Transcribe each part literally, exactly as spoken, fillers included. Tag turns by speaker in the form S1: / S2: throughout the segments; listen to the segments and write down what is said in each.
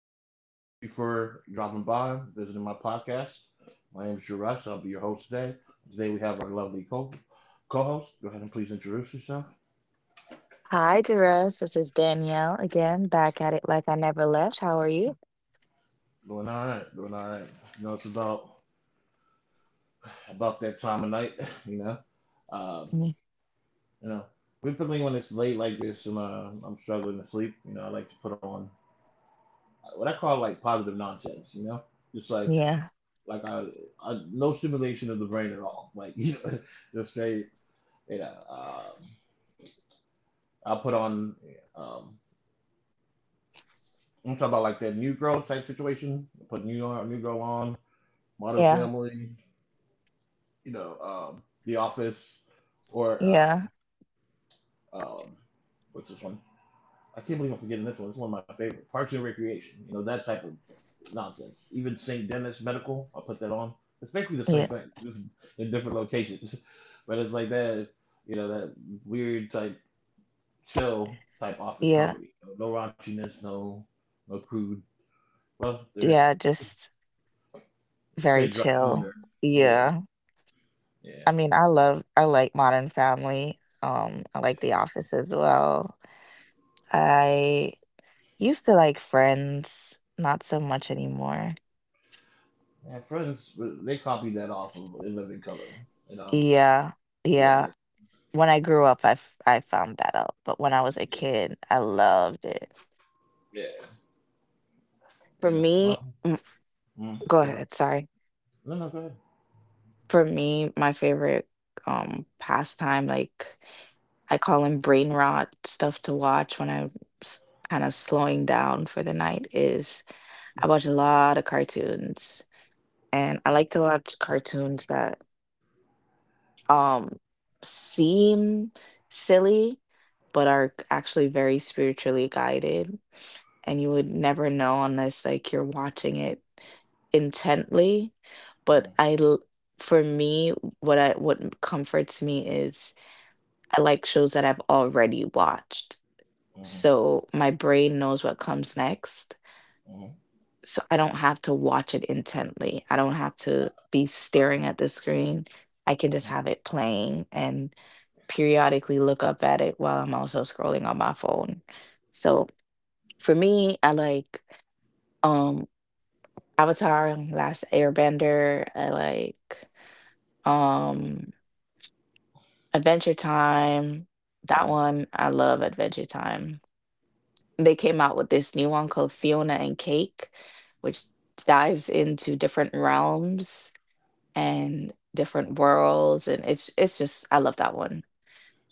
S1: y'all. Thank you for dropping by, visiting my podcast. My name is Juresh. I'll be your host today. Today we have our lovely co co-host. Go ahead and please introduce yourself.
S2: Hi, Jerez. This is Danielle again, back at it like I never left. How are you?
S1: Doing all right. Doing all right. You know, it's about about that time of night. You know, um,
S2: Mm.
S1: you know, particularly when it's late like this and uh, I'm struggling to sleep. You know, I like to put on what I call like positive nonsense. You know, just like
S2: Yeah,
S1: like I, I no stimulation of the brain at all. Like you know, just straight. You know. Um, I'll put on. Um, I'm talking about like that new girl type situation. Put new uh, new girl on Modern
S2: yeah,
S1: Family. You know, um, The Office, or
S2: yeah,
S1: um, um, what's this one? I can't believe I'm forgetting this one. It's one of my favorite Parks and Recreation. You know that type of nonsense. Even Saint Dennis Medical. I'll put that on. It's basically the same
S2: yeah,
S1: thing, just in different locations. But it's like that. You know that weird type chill type office
S2: yeah,
S1: comedy. No raunchiness. No no crude— Well, there's
S2: yeah. Just very
S1: straight drop
S2: chill.
S1: humor. Yeah,
S2: Yeah.
S1: yeah.
S2: I mean, I love, I like Modern Family. Um, I like The Office as well. I used to like Friends, not so much anymore.
S1: My Friends, well, they copied that off of In Living Color, and um,
S2: Yeah,
S1: yeah,
S2: yeah.
S1: they,
S2: When I grew up, I f- I found that out. But when I was a
S1: yeah,
S2: kid, I loved it.
S1: yeah,
S2: For
S1: yeah. Well,
S2: me, mm,
S1: mm,
S2: go
S1: go ahead.
S2: ahead. Sorry.
S1: No, no, go ahead.
S2: For me, my favorite um pastime, like I call them brain rot stuff to watch when I'm kind of slowing down for the night, is I watch a lot of cartoons. And I like to watch cartoons that um seem silly, but are actually very spiritually guided, and you would never know unless like you're watching it intently.
S1: Mm,
S2: But I l- for me, what I what comforts me is I like shows that I've already watched.
S1: mm,
S2: So my brain knows what comes next.
S1: mm,
S2: So I don't have to watch it intently. I don't have to be
S1: sorry.
S2: staring at the screen. I can just
S1: Mm,
S2: have it playing and periodically look up at it while I'm also scrolling on my phone. So for me, I like um Avatar and Last Airbender. I like um Adventure Time. That
S1: mm,
S2: one, I love Adventure Time. They came out with this new one called Fiona and Cake, which dives into different realms and different worlds, and it's it's just, I love that one.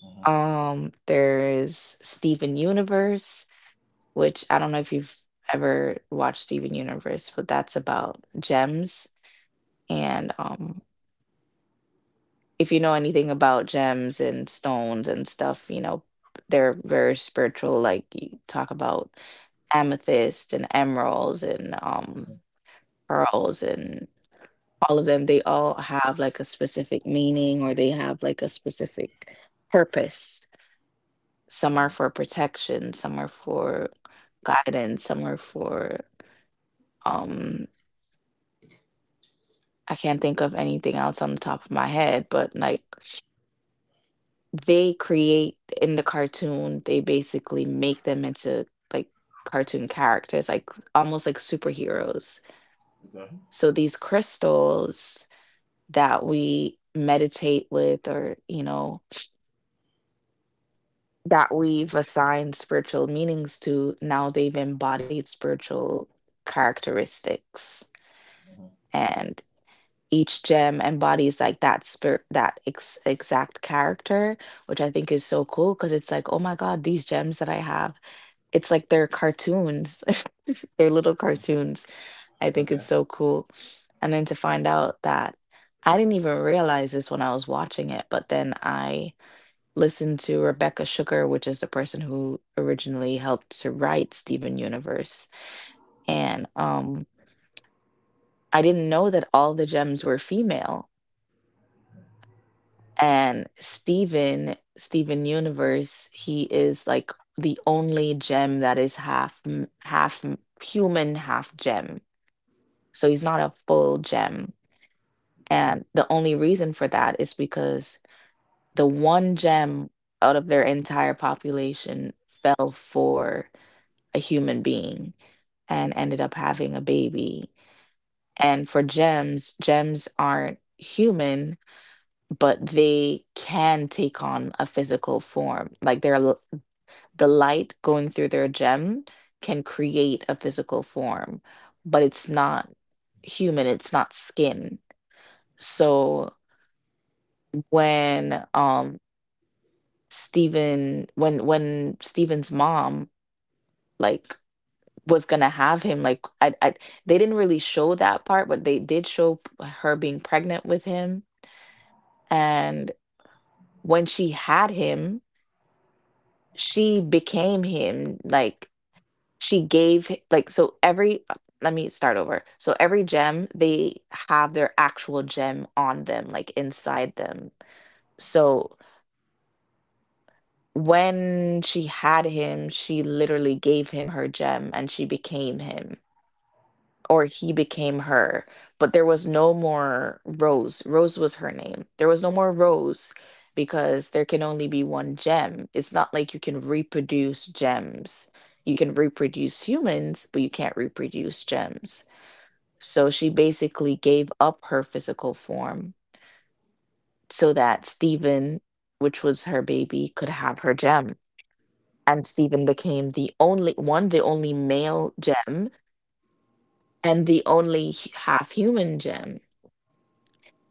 S1: mm,
S2: Um there's Steven Universe, which I don't know if you've ever watched Steven Universe, but that's about gems. And um if you know anything about gems and stones and stuff, you know, they're very spiritual. Like, you talk about amethyst and emeralds and um, pearls, and all of them, they all have like a specific meaning, or they have like a specific purpose. Some are
S1: mm, mm,
S2: for protection, some are for guidance, some are for um I can't think of anything else on the top of my head, but like they create in the cartoon, they basically make them into like cartoon characters, like almost like superheroes.
S1: okay,
S2: So these crystals that we meditate with, or, you know, that we've assigned spiritual meanings to, now they've embodied spiritual characteristics.
S1: mm,
S2: And each gem embodies like that spirit, that ex exact character, which I think is so cool, because it's like, oh my God, these gems that I have. It's like they're cartoons. They're little
S1: okay,
S2: cartoons. I think
S1: okay.
S2: it's so cool. And then to find out that I didn't even realize this when I was watching it, but then I listened to Rebecca Sugar, which is the person who originally helped to write Steven Universe. And um, I didn't know that all the gems were female. And Steven, Steven Universe, he is like the only gem that is half m- half m- human, half gem. So he's not a full gem. And the only reason for that is because the one gem out of their entire population fell for a human being and
S1: Mm,
S2: ended up having a baby. And for gems, gems aren't human, but they can take on a physical form. Like their l- the light going through their gem can create a physical form, but it's not human, it's not skin. So when um Stephen when when Stephen's mom, like, was gonna have him, like, I, I they didn't really show that part, but they did show p- her being pregnant with him. And when she had him, she became him, like, she gave h- like, so every uh, let me start over, so every gem, they have their actual gem on them, like inside them. So when she had him, she literally gave him her gem and she became him, or he became her. But there was no more Rose. Rose was her name. There was no more Rose, because there can only be one gem. It's not like you can reproduce gems. You can reproduce humans, but you can't reproduce gems. So she basically gave up her physical form so that Stephen, which was her baby, could have her gem. And Stephen became the only one, the only male gem, and the only h- half human gem.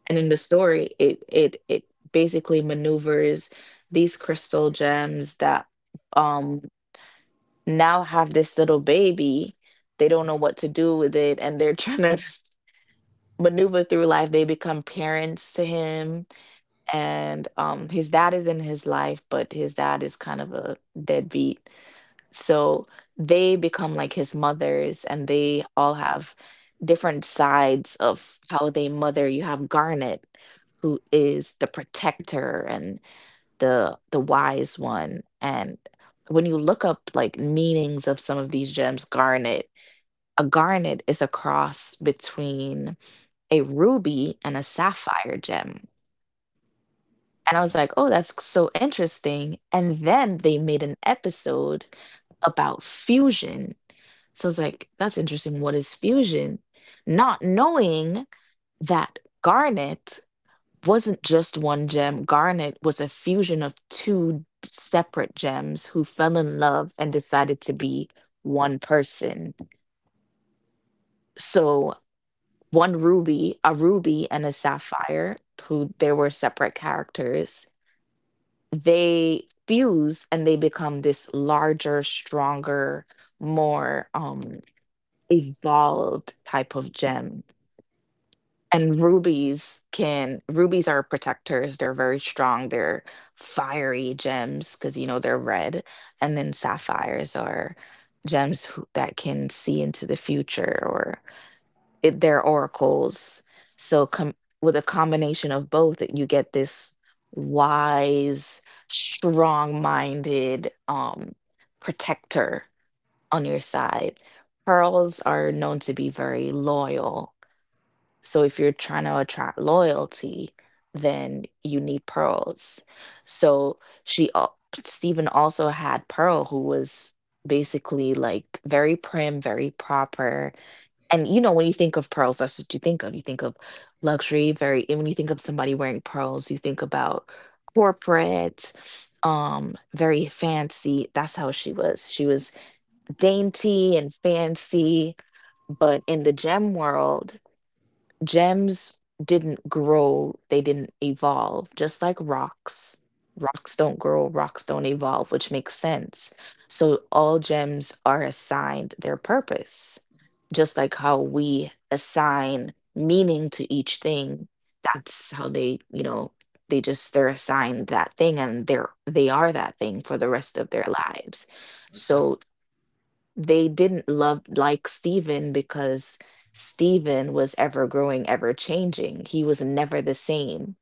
S2: And in the story, it it it basically maneuvers these crystal gems that um now have this little baby. They don't know what to do with it, and they're trying to maneuver through life. They become parents to him, and um, his dad is in his life, but his dad is kind of a deadbeat. So they become like his mothers, and they all have different sides of how they mother. You have Garnet, who is the protector and the the wise one. And when you look up like meanings of some of these gems, Garnet, a garnet is a cross between a ruby and a sapphire gem.
S1: mm,
S2: And I was like, oh, that's so interesting. And then they made an episode about fusion, so it's like, that's interesting. What is fusion? Not knowing that Garnet wasn't just one gem, Garnet was a fusion of two d- separate gems who fell in love and decided to be one person. So one ruby, a ruby and a sapphire, who they were separate characters, they fuse and they become this larger, stronger, more um evolved type of gem. And rubies can rubies are protectors. They're very strong. They're fiery gems because you know they're red. And then sapphires are gems who, that can see into the future, or it, they're oracles. So com with a combination of both, you get this wise, strong-minded um protector on your side. Pearls are known to be very loyal, so if you're trying to attract loyalty, then you need pearls. So she, al- Stephen also had Pearl, who was basically like very prim, very proper. And you know, when you think of pearls, that's what you think of. You think of luxury, very, and when you think of somebody wearing pearls, you think about corporate, um, very fancy. That's how she was. She was dainty and fancy, but in the gem world, gems didn't grow, they didn't evolve, just like rocks. Rocks don't grow, rocks don't evolve, which makes sense. So all gems are assigned their purpose, just like how we assign meaning to each thing. That's how they, you know, they just they're assigned that thing, and they're they are that thing for the rest of their lives.
S1: okay.
S2: So they didn't love like Stephen, because Stephen was ever growing, ever changing. He was never the same.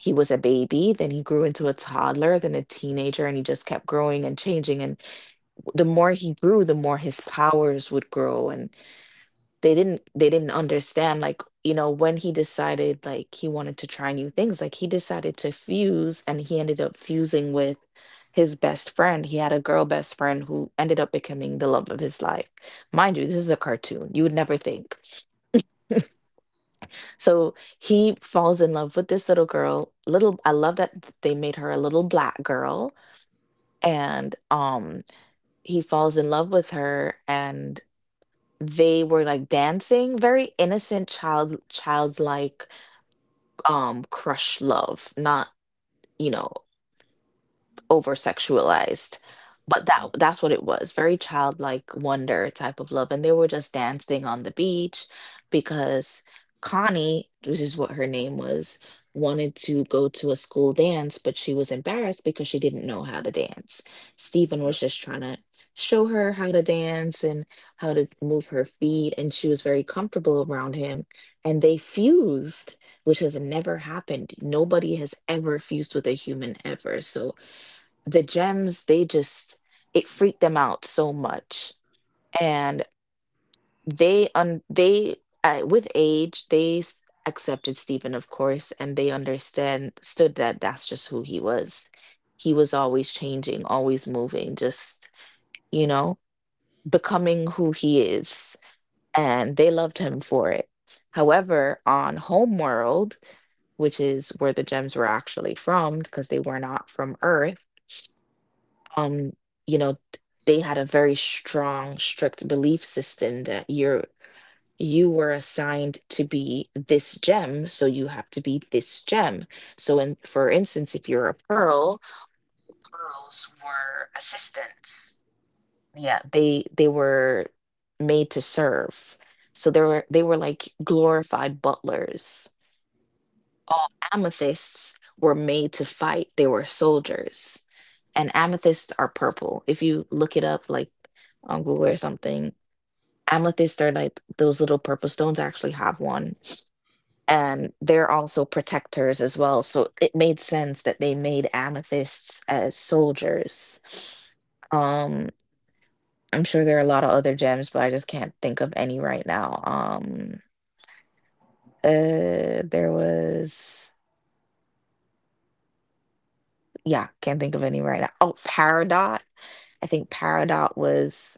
S2: He was a baby, then he grew into a toddler, then a teenager, and he just kept growing and changing. And the more he grew, the more his powers would grow. And they didn't they didn't understand, like, you know, when he decided like he wanted to try new things, like, he decided to fuse, and he ended up fusing with his best friend. He had a girl best friend who ended up becoming the love of his life. Mind you, this is a cartoon, you would never think. So he falls in love with this little girl. Little, I love that th- they made her a little black girl. And um he falls in love with her and. They were like dancing, very innocent, child childlike um crush love, not, you know, over sexualized. But that that's what it was, very childlike wonder type of love. And they were just dancing on the beach, because Connie, which is what her name was, wanted to go to a school dance, but she was embarrassed because she didn't know how to dance. Stephen
S1: Yeah.
S2: was just trying to show her how to dance and how to move her feet, and she was very comfortable around him. And they fused, which has never happened. Nobody has ever fused with a human ever. So the gems, they just it freaked them out so much. And they un they, uh, with age, they s- accepted Stephen, of course, and they understand stood that that's just who he was. He was always changing, always moving, just, you know, becoming who he is, and they loved him for it. However, on homeworld, which is where the gems were actually from because they were not from earth, um you know, t- they had a very strong strict belief system, that you're you were assigned to be this gem, so you have to be this gem. So, in for instance, if you're a pearl, pearls were assistants. Yeah, they they were made to serve, so they were they were like glorified butlers. All amethysts were made to fight. They were soldiers. And amethysts are purple. If you look it up, like on Google or something, amethysts are like those little purple stones. I actually have one. And they're also protectors as well. So it made sense that they made amethysts as soldiers. Um, I'm sure there are a lot of other gems, but I just can't think of any right now. Um, uh, there was. Yeah, can't think of any right now. Oh, Paradot. I think Paradot was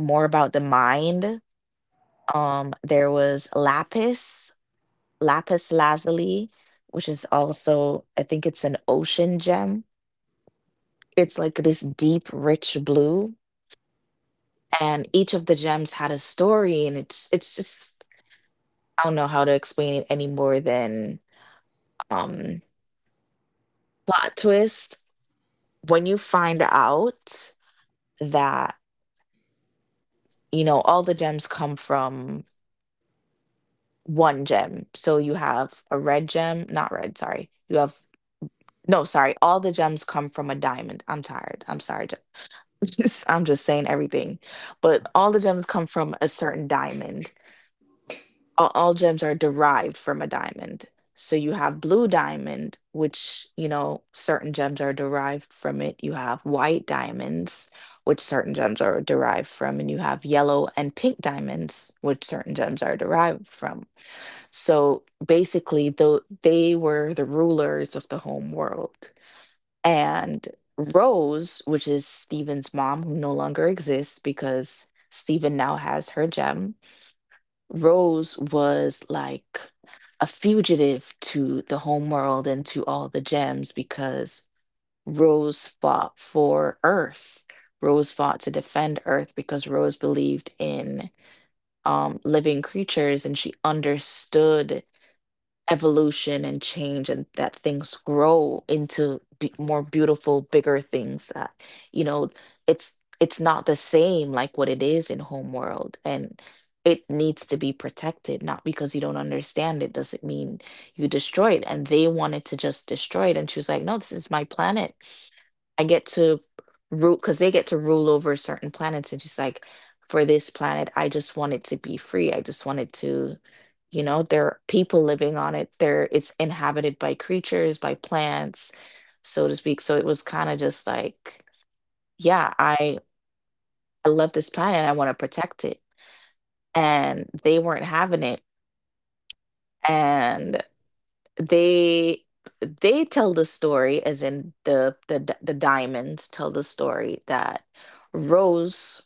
S2: more about the mind. Um, there was Lapis, Lapis Lazuli, which is also, I think it's an ocean gem. It's like this deep, rich blue, and each of the gems had a story, and it's it's just I don't know how to explain it any more than um plot twist. When you find out that you know all the gems come from one gem. So you have a red gem, not red, sorry. You have no, sorry, all the gems come from a diamond. I'm tired. I'm sorry, ge just I'm just saying everything. But all the gems come from a certain diamond. All all gems are derived from a diamond. So you have blue diamond, which, you know, certain gems are derived from it. You have white diamonds, which certain gems are derived from, and you have yellow and pink diamonds, which certain gems are derived from. So basically, though they were the rulers of the home world. And Rose, which is Stephen's mom, who no longer exists because Stephen now has her gem, Rose was like a fugitive to the home world and to all the gems because Rose fought for Earth. Rose fought to defend Earth because Rose believed in um, living creatures, and she understood evolution and change, and that things grow into be more beautiful bigger things that you know it's it's not the same like what it is in homeworld. And it needs to be protected. Not because you don't understand it doesn't mean you destroy it, and they wanted to just destroy it. And she was like, no, this is my planet. I get to rule, because they get to rule over certain planets. And she's like, for this planet, I just want it to be free. I just want it to, you know, there are people living on it. There it's inhabited by creatures, by plants, so to speak. So it was kind of just like, yeah, I I love this planet. I want to protect it. And they weren't having it. And they they tell the story as in the the d- the diamonds tell the story that Rose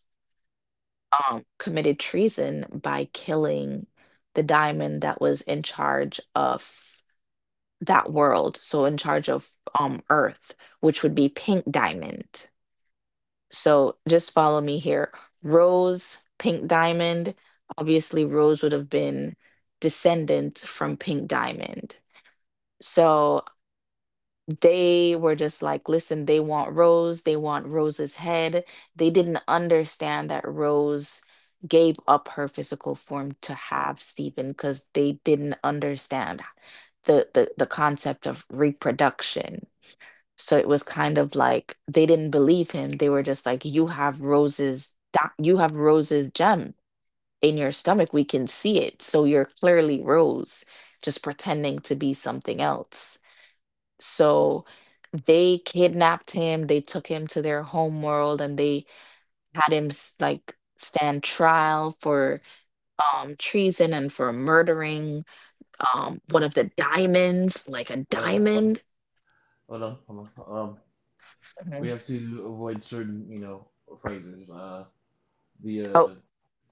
S2: um, committed treason by killing the diamond that was in charge of that world, so in charge of um Earth, which would be Pink Diamond. So just follow me here. Rose, Pink Diamond. Obviously, Rose would have been descendant from Pink Diamond. So they were just like, listen, they want Rose, they want Rose's head. They didn't understand that Rose gave up her physical form to have Stephen because they didn't understand the, the the concept of reproduction. So it was kind of like they didn't believe him. They were just like, you have Rose's di- you have Rose's gem in your stomach. We can see it. So you're clearly Rose, just pretending to be something else. So they kidnapped him, they took him to their homeworld, and they had him s- like stand trial for um treason and for murdering um one of the diamonds, like a
S1: Well, well,
S2: diamond.
S1: hold on, hold on. Um, we
S2: Mhm.
S1: have to avoid certain, you know, phrases. Uh, the uh,
S2: Oh,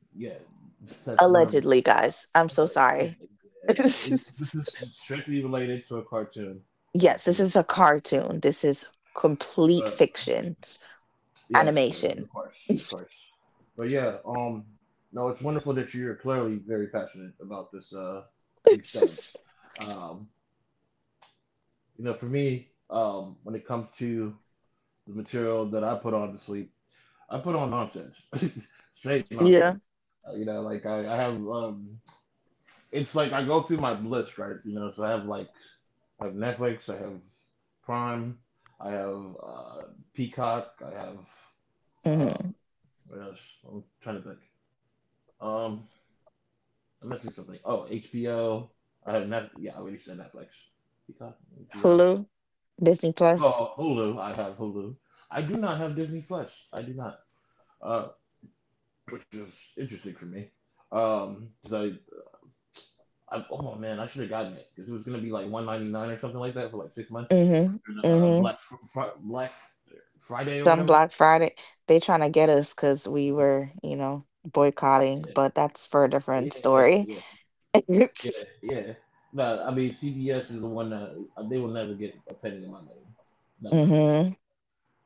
S1: yeah, that's one of them.
S2: allegedly, guys. I'm
S1: Uh,
S2: so
S1: yeah,
S2: sorry.
S1: yeah, yeah. It- This is strictly related to a cartoon that was
S2: Yes, this
S1: being
S2: is a
S1: watched.
S2: cartoon. This is complete
S1: Uh,
S2: fiction
S1: yes, yes,
S2: animation.
S1: of course, of course. But yeah, um, no, it's wonderful that you're clearly very passionate about this, uh, these stones. Um, you know, for me, um, when it comes to the material that I put on to sleep, I put on nonsense, straight nonsense.
S2: Yeah.
S1: Uh, you know, like I, I have, um, it's like I go through my list, right? You know, so I have like I have Netflix, I have Prime, I have uh, Peacock, I have um,
S2: hmm
S1: what else? I'm trying to think. Um, I'm missing something. Oh, H B O. I have Net— yeah, I already said Netflix. Peacock, H B O.
S2: Hulu, Disney Plus.
S1: Oh, Hulu. I have Hulu. I do not have Disney Plus. I do not. Uh, which is interesting for me. Um, 'cause I I, oh man, I should have gotten it because it was gonna be like one ninety nine or something like that for like six months.
S2: Mm-hmm.
S1: And, uh, Black Fr- Fr- Black Friday or
S2: Some Black
S1: whatever.
S2: Friday, they trying to get us because we were, you know, boycotting,
S1: Yeah,
S2: but that's for a
S1: yeah,
S2: different
S1: yeah,
S2: story.
S1: yeah,
S2: Mm-hmm.
S1: yeah, yeah. No, I mean C B S is the one that uh, they will never get a penny in my money. Never.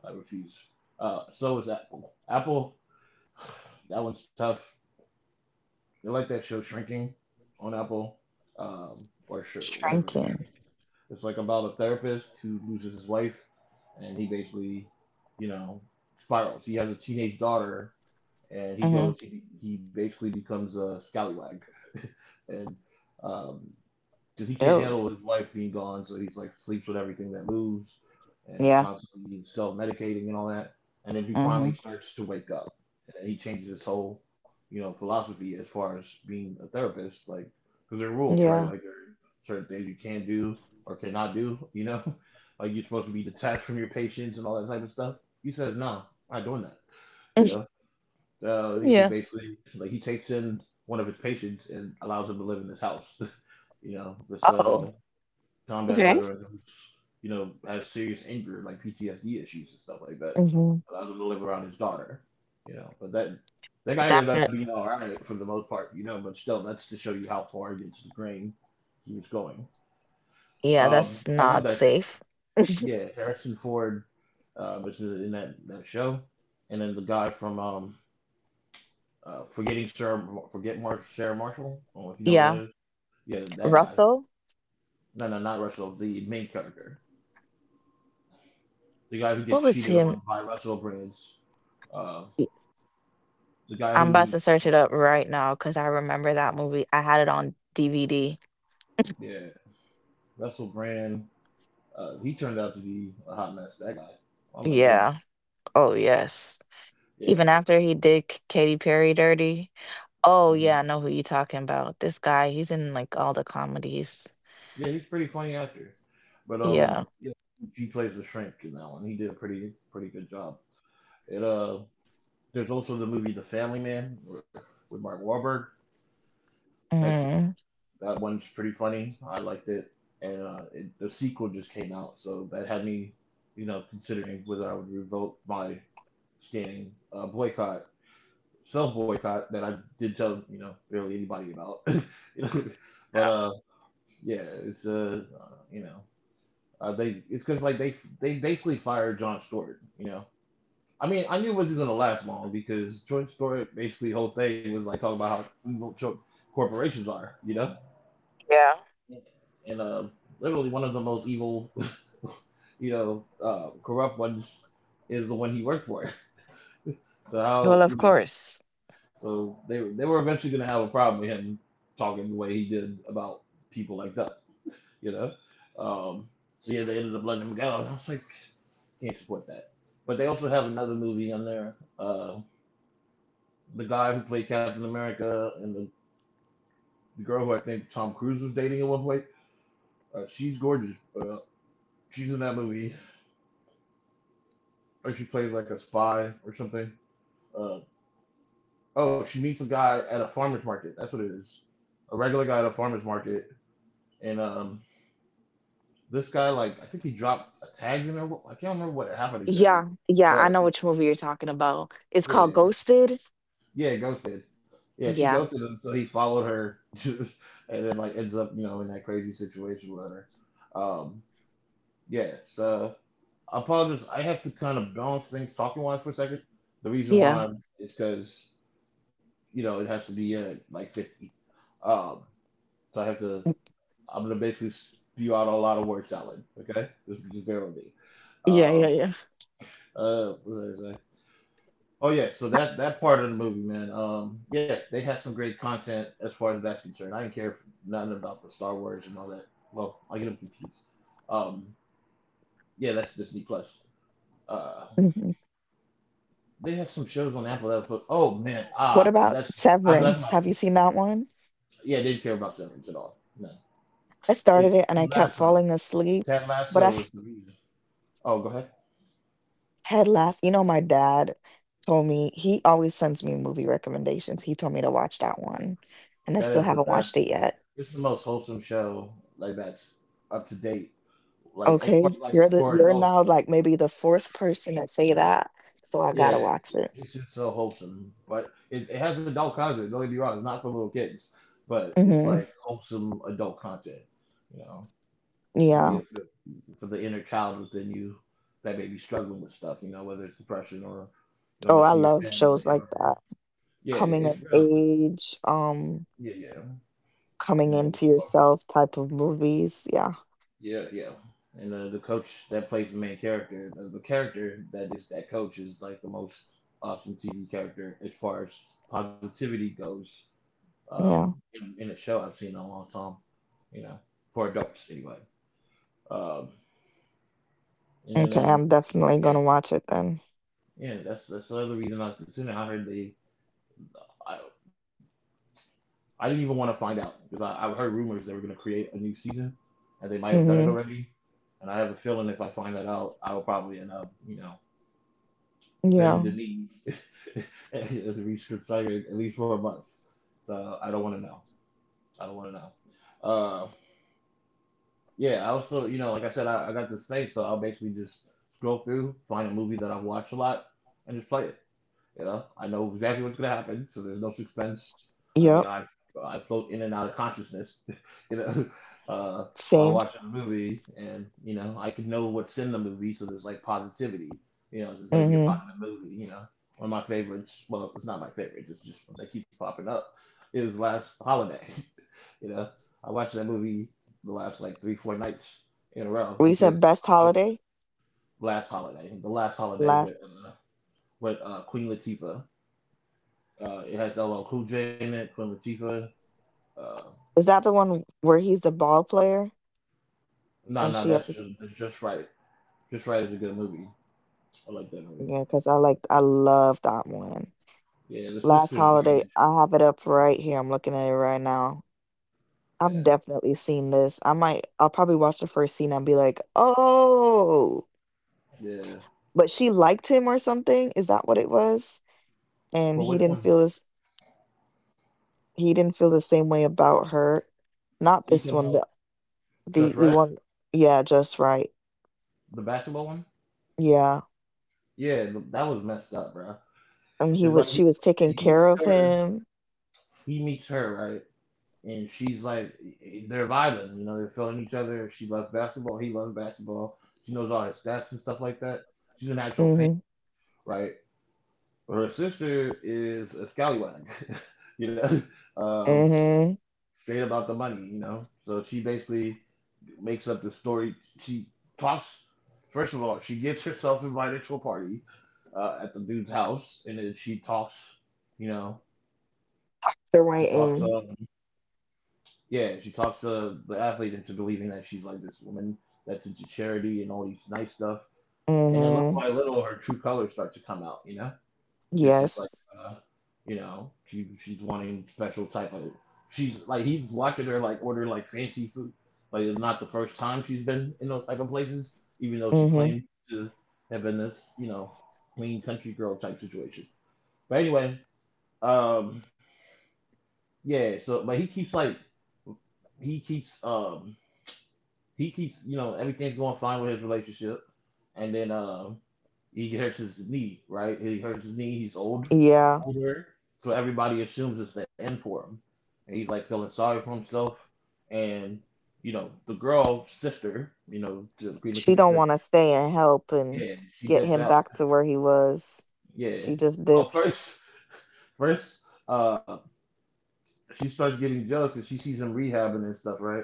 S1: I refuse. Uh, so is Apple. Apple, that one's tough. They like that show Shrinking on Apple, um, or sure, whatever.
S2: Shrinking.
S1: It's like about a therapist who loses his wife, and he basically, you know, spirals. He has a teenage daughter, and he
S2: Mm-hmm.
S1: goes, he, he basically becomes a scallywag, and um, because he can't
S2: Oh,
S1: handle his wife being gone, so he's like sleeps with everything that moves, and is
S2: yeah.
S1: constantly self medicating and all that. And then he finally
S2: Mm-hmm.
S1: starts to wake up, and he changes his whole, you know, philosophy as far as being a therapist, like because there are rules, right? Like
S2: Yeah.
S1: there are certain things you can do or cannot do, you know, like you're supposed to be detached from your patients and all that type of stuff. He says, "No, I'm not doing that," you know. So he
S2: Yeah.
S1: basically like he takes in one of his patients and allows him to live in his house. you know, this uh
S2: Oh,
S1: combat
S2: okay.
S1: veterans, you know, has serious anger, like P T S D issues and stuff like that.
S2: Mm-hmm.
S1: Allows him to live around his daughter, you know. But that that guy
S2: That,
S1: ended up
S2: uh,
S1: being all right for the most part, you know. But still, that's to show you how far against the grain he was going.
S2: yeah,
S1: Um,
S2: that's
S1: I love
S2: not
S1: that show.
S2: safe.
S1: Yeah, Harrison Ford uh, was in that, that show, and then the guy from um, uh, Forgetting Sarah, Forget Mar- Sarah Marshall. I don't know if you know who that.
S2: Yeah.
S1: Is. Yeah, that guy.
S2: Russell,
S1: No, no, not Russell. The main character. The guy who
S2: what
S1: gets
S2: was
S1: cheated
S2: him?
S1: on by Russell Brands, uh,
S2: Y-
S1: the guy
S2: I'm about to
S1: who,
S2: search it up right now because I remember that movie. I had it on D V D.
S1: yeah, Russell Brand, uh, he turned out to be a hot mess. That guy. Oh my goodness.
S2: Yeah. Oh, yes.
S1: Yeah.
S2: Even after he did K- Katy Perry dirty. Oh
S1: Hmm.
S2: yeah, I know who you talking about. This guy, he's in like all the comedies.
S1: Yeah, he's a pretty funny actor. But um,
S2: Yeah.
S1: yeah, he plays the shrink in that one. He did a pretty pretty good job. It uh, there's also the movie The Family Man where- with Mark Wahlberg. That's
S2: hmm
S1: that one's pretty funny. I liked it. And uh, it, the sequel just came out, so that had me, you know, considering whether I would revoke my standing uh, boycott, self boycott that I did tell you know barely anybody about. you know, but uh, yeah, it's uh, uh you know, uh, they it's because like they they basically fired John Stewart. You know, I mean, I knew it wasn't gonna last long because John Stewart basically the whole thing was like talking about how evil cho- corporations are. You know,
S2: Yeah.
S1: and uh, literally one of the most evil, you know, uh, corrupt ones is the one he worked for. So how
S2: Well,
S1: you
S2: of
S1: know,
S2: course.
S1: so they they were eventually going to have a problem with him talking the way he did about people like that, you know. Um, so yeah, they ended up letting him go, and I was like, can't support that. But they also have another movie on there. Uh, the guy who played Captain America and the, the girl who I think Tom Cruise was dating at one point. Uh, she's gorgeous. Uh, she's in that movie, or she plays like a spy or something. Uh, oh, she meets a guy at a farmer's market. That's what it is. A regular guy at a farmer's market, and um, this guy, like, I think he dropped a tag in there. I can't remember what happened exactly,
S2: Yeah. Yeah.
S1: but
S2: I know which movie you're talking about. It's called
S1: yeah,
S2: Ghosted.
S1: yeah, ghosted. Yeah, she
S2: Yeah.
S1: ghosted him, so he followed her, and then like ends up, you know, in that crazy situation with her. Um, yeah. So I apologize. I have to kind of balance things talking wise for a second. The reason
S2: Yeah.
S1: why is because you know it has to be uh, like fifty. Um, so I have to—
S2: Mm,
S1: I'm gonna basically spew out a lot of word salad. Okay, just, just bear with me.
S2: yeah. Yeah.
S1: Um,
S2: Yeah.
S1: uh, what was I saying? Oh yeah, so that that part of the movie, man. Um, yeah, they had some great content as far as that's concerned. I didn't care f- nothing about the Star Wars and all that. Well, I get them confused. Um, yeah, that's Disney Plus. Uh,
S2: hmm
S1: they had some shows on Apple that was supposed— oh man,
S2: What
S1: ah,
S2: about
S1: that's— I blacked
S2: Severance?
S1: about.
S2: Have you seen that one?
S1: Yeah, they didn't care about Severance at all. No,
S2: I started
S1: it's
S2: it and
S1: Ted
S2: I kept
S1: Lasso.
S2: falling asleep,
S1: Ted
S2: but I
S1: Lasso was the reason. Oh, go ahead.
S2: Ted Lasso. You know, my dad told me he always sends me movie recommendations. He told me to watch that one, and I
S1: That
S2: still
S1: is the
S2: haven't watched it
S1: best.
S2: yet.
S1: It's the most wholesome show. Like that's up to date. Like as
S2: Okay,
S1: far
S2: you're
S1: like
S2: the
S1: for
S2: you're now
S1: adults.
S2: like maybe the fourth person to say that, so I gotta
S1: Yeah,
S2: watch it.
S1: it's just so wholesome. But it, it has adult content. Don't get me wrong, it's not for little kids, but it's
S2: Hmm
S1: like wholesome adult content. You know, you
S2: Yeah.
S1: get it for, for the inner child within you that may be struggling with stuff. You know, whether it's depression or you
S2: Oh,
S1: know
S2: I
S1: messing your
S2: love shows
S1: family
S2: like
S1: or
S2: that.
S1: yeah,
S2: Coming
S1: yeah,
S2: of
S1: it's real.
S2: age, um,
S1: Yeah, yeah,
S2: coming
S1: you know,
S2: into yourself type of movies. Yeah.
S1: yeah, yeah. And uh, the coach that plays the main character, uh, the character that is that coach is like the most awesome T V character as far as positivity goes um,
S2: Yeah.
S1: in, in a show I've seen in a long time, you know, for adults anyway. Um, and
S2: Okay,
S1: then,
S2: I'm
S1: then
S2: definitely gonna
S1: yeah,
S2: watch it then.
S1: yeah, that's that's another reason I was considering. I heard they, I, I didn't even want to find out because I, I heard rumors they were going to create a new season, and they might have done
S2: Mm-hmm.
S1: it already. And I have a feeling if I find that out, I will probably end up, you know, bending
S2: Yeah.
S1: the knee as a research writer at least for a month. So I don't want to know. I don't want to know. Uh, Yeah, I also, you know, like I said, I, I got this thing, so I'll basically just scroll through, find a movie that I've watched a lot, and just play it. You know, I know exactly what's gonna happen, so there's no suspense. I,
S2: Yep.
S1: I, I float in and out of consciousness, you know, uh, while
S2: Same.
S1: watching a movie, and you know, I can know what's in the movie, so there's like positivity. You know, it's gonna be a
S2: Mm-hmm.
S1: positive movie. You know, one of my favorites. Well, it's not my favorites. It's just one that keeps popping up. Is Last Holiday. You know, I watched that movie the last like three, four nights in a row
S2: We
S1: because
S2: said best
S1: obviously
S2: holiday.
S1: last holiday, the last holiday
S2: Last,
S1: with uh, with uh, Queen Latifah. Uh, it has L. L. Cool J in it. Queen Latifah. Uh,
S2: is that the one where he's the ball player
S1: no, no,
S2: and she
S1: that's
S2: has to,
S1: just that's just right. Just right is a good movie. I like that movie.
S2: yeah, because I like I love that one.
S1: Yeah, the
S2: Last
S1: sister's
S2: holiday,
S1: garbage.
S2: I have it up right here. I'm looking at it right now.
S1: Yeah,
S2: I've definitely seen this. I might I'll probably watch the first scene and be like, oh,
S1: yeah.
S2: but she liked him or something. Is that what it was? And
S1: For
S2: he
S1: which
S2: didn't
S1: one?
S2: feel this he didn't feel the same way about her. Not
S1: Are you
S2: this
S1: talking
S2: one,
S1: about
S2: the
S1: Just
S2: the, the
S1: Right,
S2: one, yeah, just right.
S1: the basketball one?
S2: Yeah.
S1: Yeah, th- that was messed up, bro.
S2: And he
S1: It's
S2: was
S1: like
S2: she
S1: he,
S2: was taking
S1: he
S2: care
S1: meets
S2: of
S1: her.
S2: him.
S1: He meets her, right? And she's like they're vibing, you know, they're filling each other. She loves basketball, he loves basketball. She knows all his stats and stuff like that. She's an actual fan,
S2: Mhm.
S1: right? Her sister is a scallywag, you know, um,
S2: Mm-hmm.
S1: straight about the money, you know. So she basically makes up the story. She talks. First of all, she gets herself invited to a party uh, at the dude's house, and then she talks, you know, she
S2: The
S1: talks.
S2: right
S1: Up.
S2: end.
S1: Yeah, she talks to the athlete into believing that she's like this woman that's into charity and all these nice stuff. And then little by
S2: Mm-hmm.
S1: little, her true colors start to come out, you know, because she's like,
S2: Yes.
S1: uh, you know, she she's wanting special type of. She's like he's watching her like order like fancy food. Like it's not the first time she's been in those type of places, even though she
S2: Mm-hmm.
S1: claimed to have been this, you know, clean country girl type situation. But anyway, um, yeah. So, but he keeps like he keeps um he keeps, you know, everything's going fine with his relationship, and then um, he hurts his knee, right? He hurts his knee. He's old,
S2: Yeah.
S1: older, so everybody assumes it's the end for him, and he's like feeling sorry for himself, and you know, the girl sister, you know, to pretty much
S2: She
S1: his
S2: don't
S1: sister,
S2: want to stay and help and
S1: yeah, she
S2: get
S1: dips
S2: him
S1: out,
S2: back to where he was.
S1: yeah.
S2: She just
S1: Well,
S2: dips.
S1: first, first, uh. She starts getting jealous because she sees him rehabbing and stuff, right?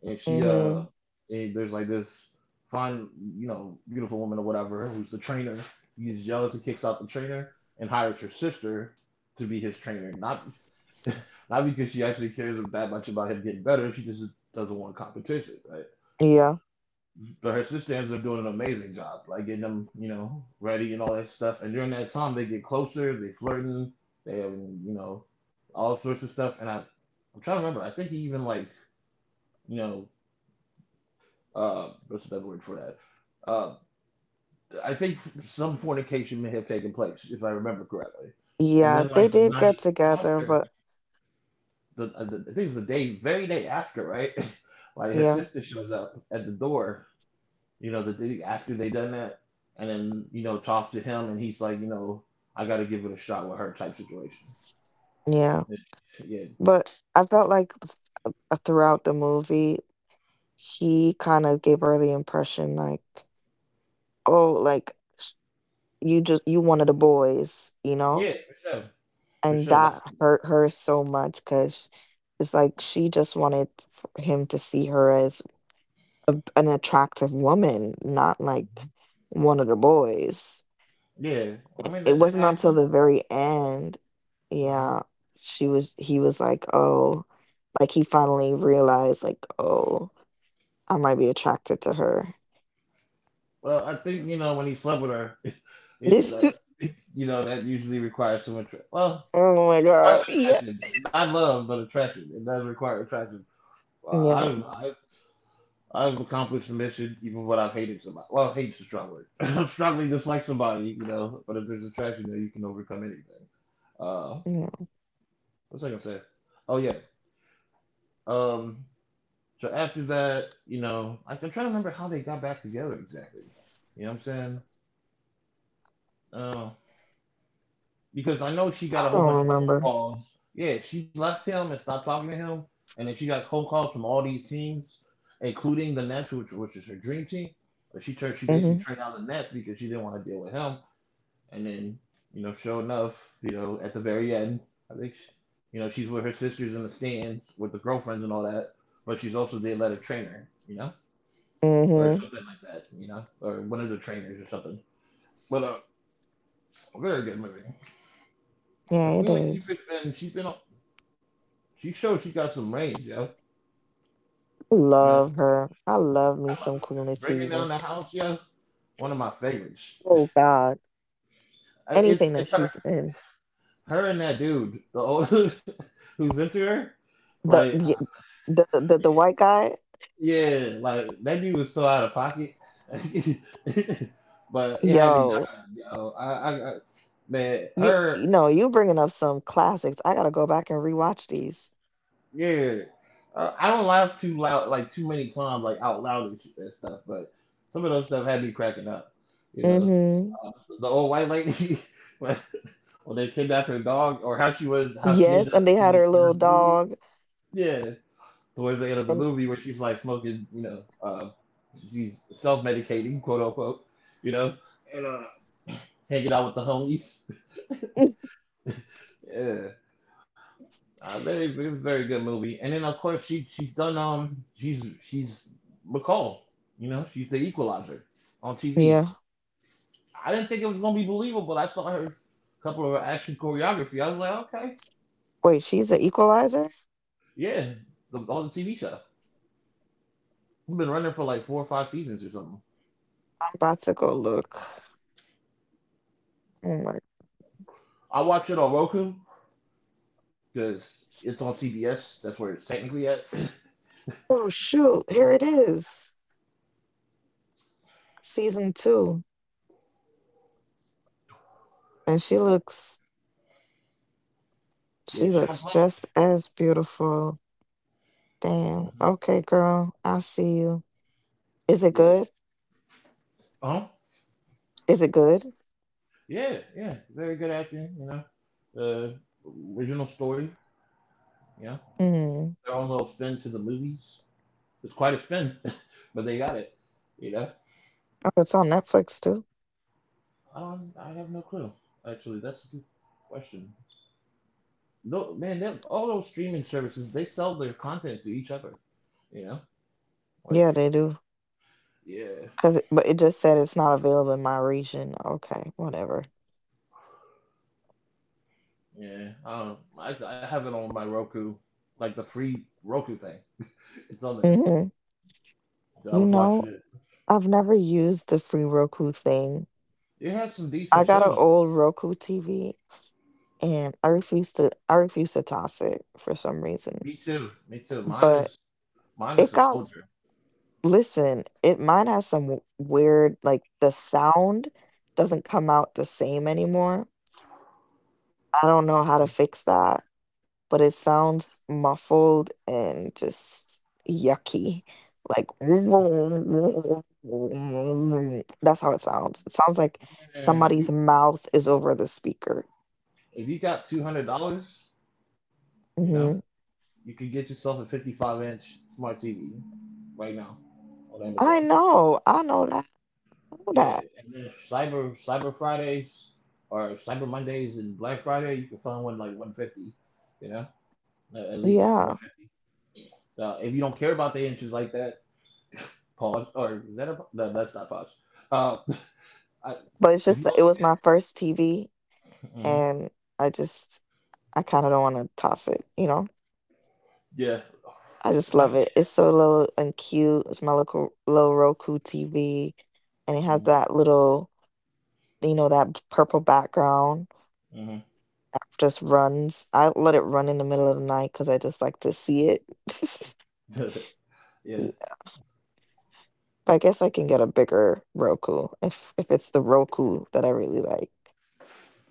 S1: And she uh,
S2: Mm-hmm.
S1: and there's like this fine, you know, beautiful woman or whatever who's the trainer. He gets jealous and kicks out the trainer and hires her sister to be his trainer. Not not because she actually cares that much about him getting better. She just doesn't want competition, right?
S2: Yeah.
S1: But her sister ends up doing an amazing job, like getting them, you know, ready and all that stuff. And during that time, they get closer, they flirting, they, have, you know, all sorts of stuff. And I, I'm trying to remember. I think he even like, you know, uh, what's another word for that? Uh, I think some fornication may have taken place, if I remember correctly. And
S2: Yeah,
S1: then like
S2: they
S1: the
S2: did get
S1: night
S2: together,
S1: after,
S2: but
S1: the, uh, the I think it's the day, very day after, right? Like his
S2: yeah.
S1: sister shows up at the door you know, the after they done that, and then you know talks to him, and he's like, you know, I got to give it a shot with her type situation.
S2: Yeah.
S1: It's- yeah,
S2: But I felt like s- uh, uh, throughout the movie, he kind of gave her the impression like, "Oh, like you just you one of the boys, you know?
S1: yeah, for sure, for
S2: And
S1: sure.
S2: that
S1: That's
S2: hurt her so much because it's like she just wanted for him to see her as a, an attractive woman, not like one of the boys.
S1: yeah.
S2: I-
S1: I mean,
S2: It
S1: that, that
S2: wasn't until the
S1: happens.
S2: very end,
S1: Mhm.
S2: yeah, she was, he was like, oh, like he finally realized, like, oh, I might be attracted to her.
S1: Well, I think you know when he slept with her, yeah,
S2: This is,
S1: that, you know that usually requires some attraction. Well,
S2: oh my God.
S1: requires
S2: Yeah.
S1: attraction, not love, but attraction. It does require attraction. Well, I,
S2: Yeah.
S1: I I've accomplished the mission, even when I've hated somebody. Well, hate's a strong word. I'm strongly dislike somebody, you know. But if there's attraction there, you can overcome anything. Uh,
S2: Yeah.
S1: what's I gonna say? Oh yeah. Um. So after that, you know, I, I'm trying to remember how they got back together exactly. You know what I'm saying? Uh, because I know she got
S2: I
S1: a whole
S2: don't
S1: bunch of phone
S2: remember.
S1: calls. Yeah, she left him and stopped talking to him, and then she got phone calls from all these teams, including the Nets, which, which is her dream team. But she turned, she basically
S2: Mm-hmm.
S1: turned down the Nets because she didn't want to deal with him. And then, you know, sure enough, you know, at the very end, I think, she, you know, she's with her sisters in the stands with the girlfriends and all that, but she's also the athletic trainer, you know, or
S2: Mm-hmm.
S1: something like that, you know, or one of the trainers or something. But uh, a very good movie.
S2: Yeah,
S1: But
S2: it
S1: Queen
S2: is.
S1: Latifah's been, she's been, on- she showed she got some range, yo.
S2: I
S1: You know,
S2: love her. I love me
S1: I love
S2: some
S1: it.
S2: Queen
S1: Bringing
S2: Latifah.
S1: down the house, yo, one of my favorites.
S2: Oh God,
S1: Uh,
S2: anything
S1: It's
S2: that
S1: it's
S2: she's
S1: her,
S2: in.
S1: her and that dude, the old who's into her.
S2: The
S1: Like, uh,
S2: y- the the, the
S1: yeah.
S2: white guy,
S1: Yeah, like that dude was so out of pocket, but it had me
S2: yo,
S1: dying. Yo. I, I, I, man,
S2: you you
S1: her,
S2: know you bringing up some classics. I gotta go back and rewatch these.
S1: yeah. Uh, I don't laugh too loud, like too many times, like out loud and shit, that stuff. But some of those stuff had me cracking up. You know,
S2: Mm-hmm.
S1: uh, the old white lady when, when they kidnapped her dog, or how she was, how she ended
S2: Yes,
S1: up
S2: and they
S1: being at
S2: had
S1: the
S2: her
S1: end of
S2: little
S1: the movie.
S2: dog.
S1: Yeah. Towards the end of the
S2: And
S1: movie where she's like smoking, you know, uh, she's self medicating, quote unquote, you know, and uh, hanging out with the homies.
S2: Mm.
S1: Yeah, uh, very very very good movie. And then of course she she's done um she's she's McCall, you know, she's the Equalizer on T V.
S2: Yeah,
S1: I didn't think it was gonna be believable, but I saw her couple of her action choreography. I was like, okay,
S2: wait, she's an equalizer.
S1: yeah, the, on the T V show. It's been running for like four or five seasons or something.
S2: I'm about to go look. Oh my.
S1: I watch it on Roku because it's on C B S. That's where it's technically at.
S2: Oh shoot, here it is, season two, and she looks she
S1: Yeah, she
S2: looks
S1: don't play.
S2: just as beautiful. Damn.
S1: Mm-hmm.
S2: Okay, girl. I see you. Is it
S1: Yeah.
S2: good?
S1: Uh huh.
S2: Is it good?
S1: Yeah, yeah. Very good acting. You know, uh, original story. Yeah,
S2: Hmm.
S1: their own little spin to the movies. It's quite a spin, but they got it. You know,
S2: Oh, it's on Netflix too.
S1: I don't. I have no clue. Actually, that's a good question. No, man. Them, all those streaming services, they sell their content to each other. You know, like
S2: Yeah, they do.
S1: yeah,
S2: Cause, it, but it just said it's not available in my region. Okay, whatever.
S1: yeah. I don't. I I have it on my Roku, like the free Roku thing. It's on there.
S2: Hmm
S1: So I
S2: You
S1: was watching
S2: know,
S1: it.
S2: I've never used the free Roku thing.
S1: It has some
S2: I
S1: decent
S2: got
S1: shows
S2: an
S1: on there.
S2: old Roku T V, and I refuse to. I refuse to toss it for some reason.
S1: Me too. Me too. Mine
S2: But
S1: is mine
S2: it
S1: is a
S2: got. s-
S1: soldier.
S2: Listen, it mine has some w- weird like the sound doesn't come out the same anymore. I don't know how to fix that, but it sounds muffled and just yucky. Like that's how it sounds. It sounds like
S1: Yeah, you,
S2: somebody's mouth is over the speaker.
S1: if you got two hundred dollars, you know,
S2: Hmm
S1: you could get yourself a fifty-five inch smart T V right now on
S2: I
S1: Amazon.
S2: know, I know that, I know
S1: Yeah,
S2: that.
S1: and then Cyber Cyber Fridays or Cyber Mondays and Black Friday, you can find one like one fifty. You know, at at least one
S2: Yeah,
S1: fifty. Uh, if you don't care about the inches like that, pause. Or is that a, no, that's not pause. Uh, I,
S2: but it's
S1: if
S2: just
S1: you
S2: that
S1: don't,
S2: it was my first T V,
S1: get, hmm
S2: and I just I kind of don't want to toss it, you know.
S1: yeah,
S2: I just
S1: not
S2: love it. It's so little and cute. It's my little, little Roku T V, and it has
S1: hmm
S2: that little, you know, that p- purple background
S1: hmm
S2: that just runs. I let it run in the middle of the night because I just like to see it.
S1: yeah,
S2: Yeah, but I guess I can get a bigger Roku if if it's the Roku that I really like.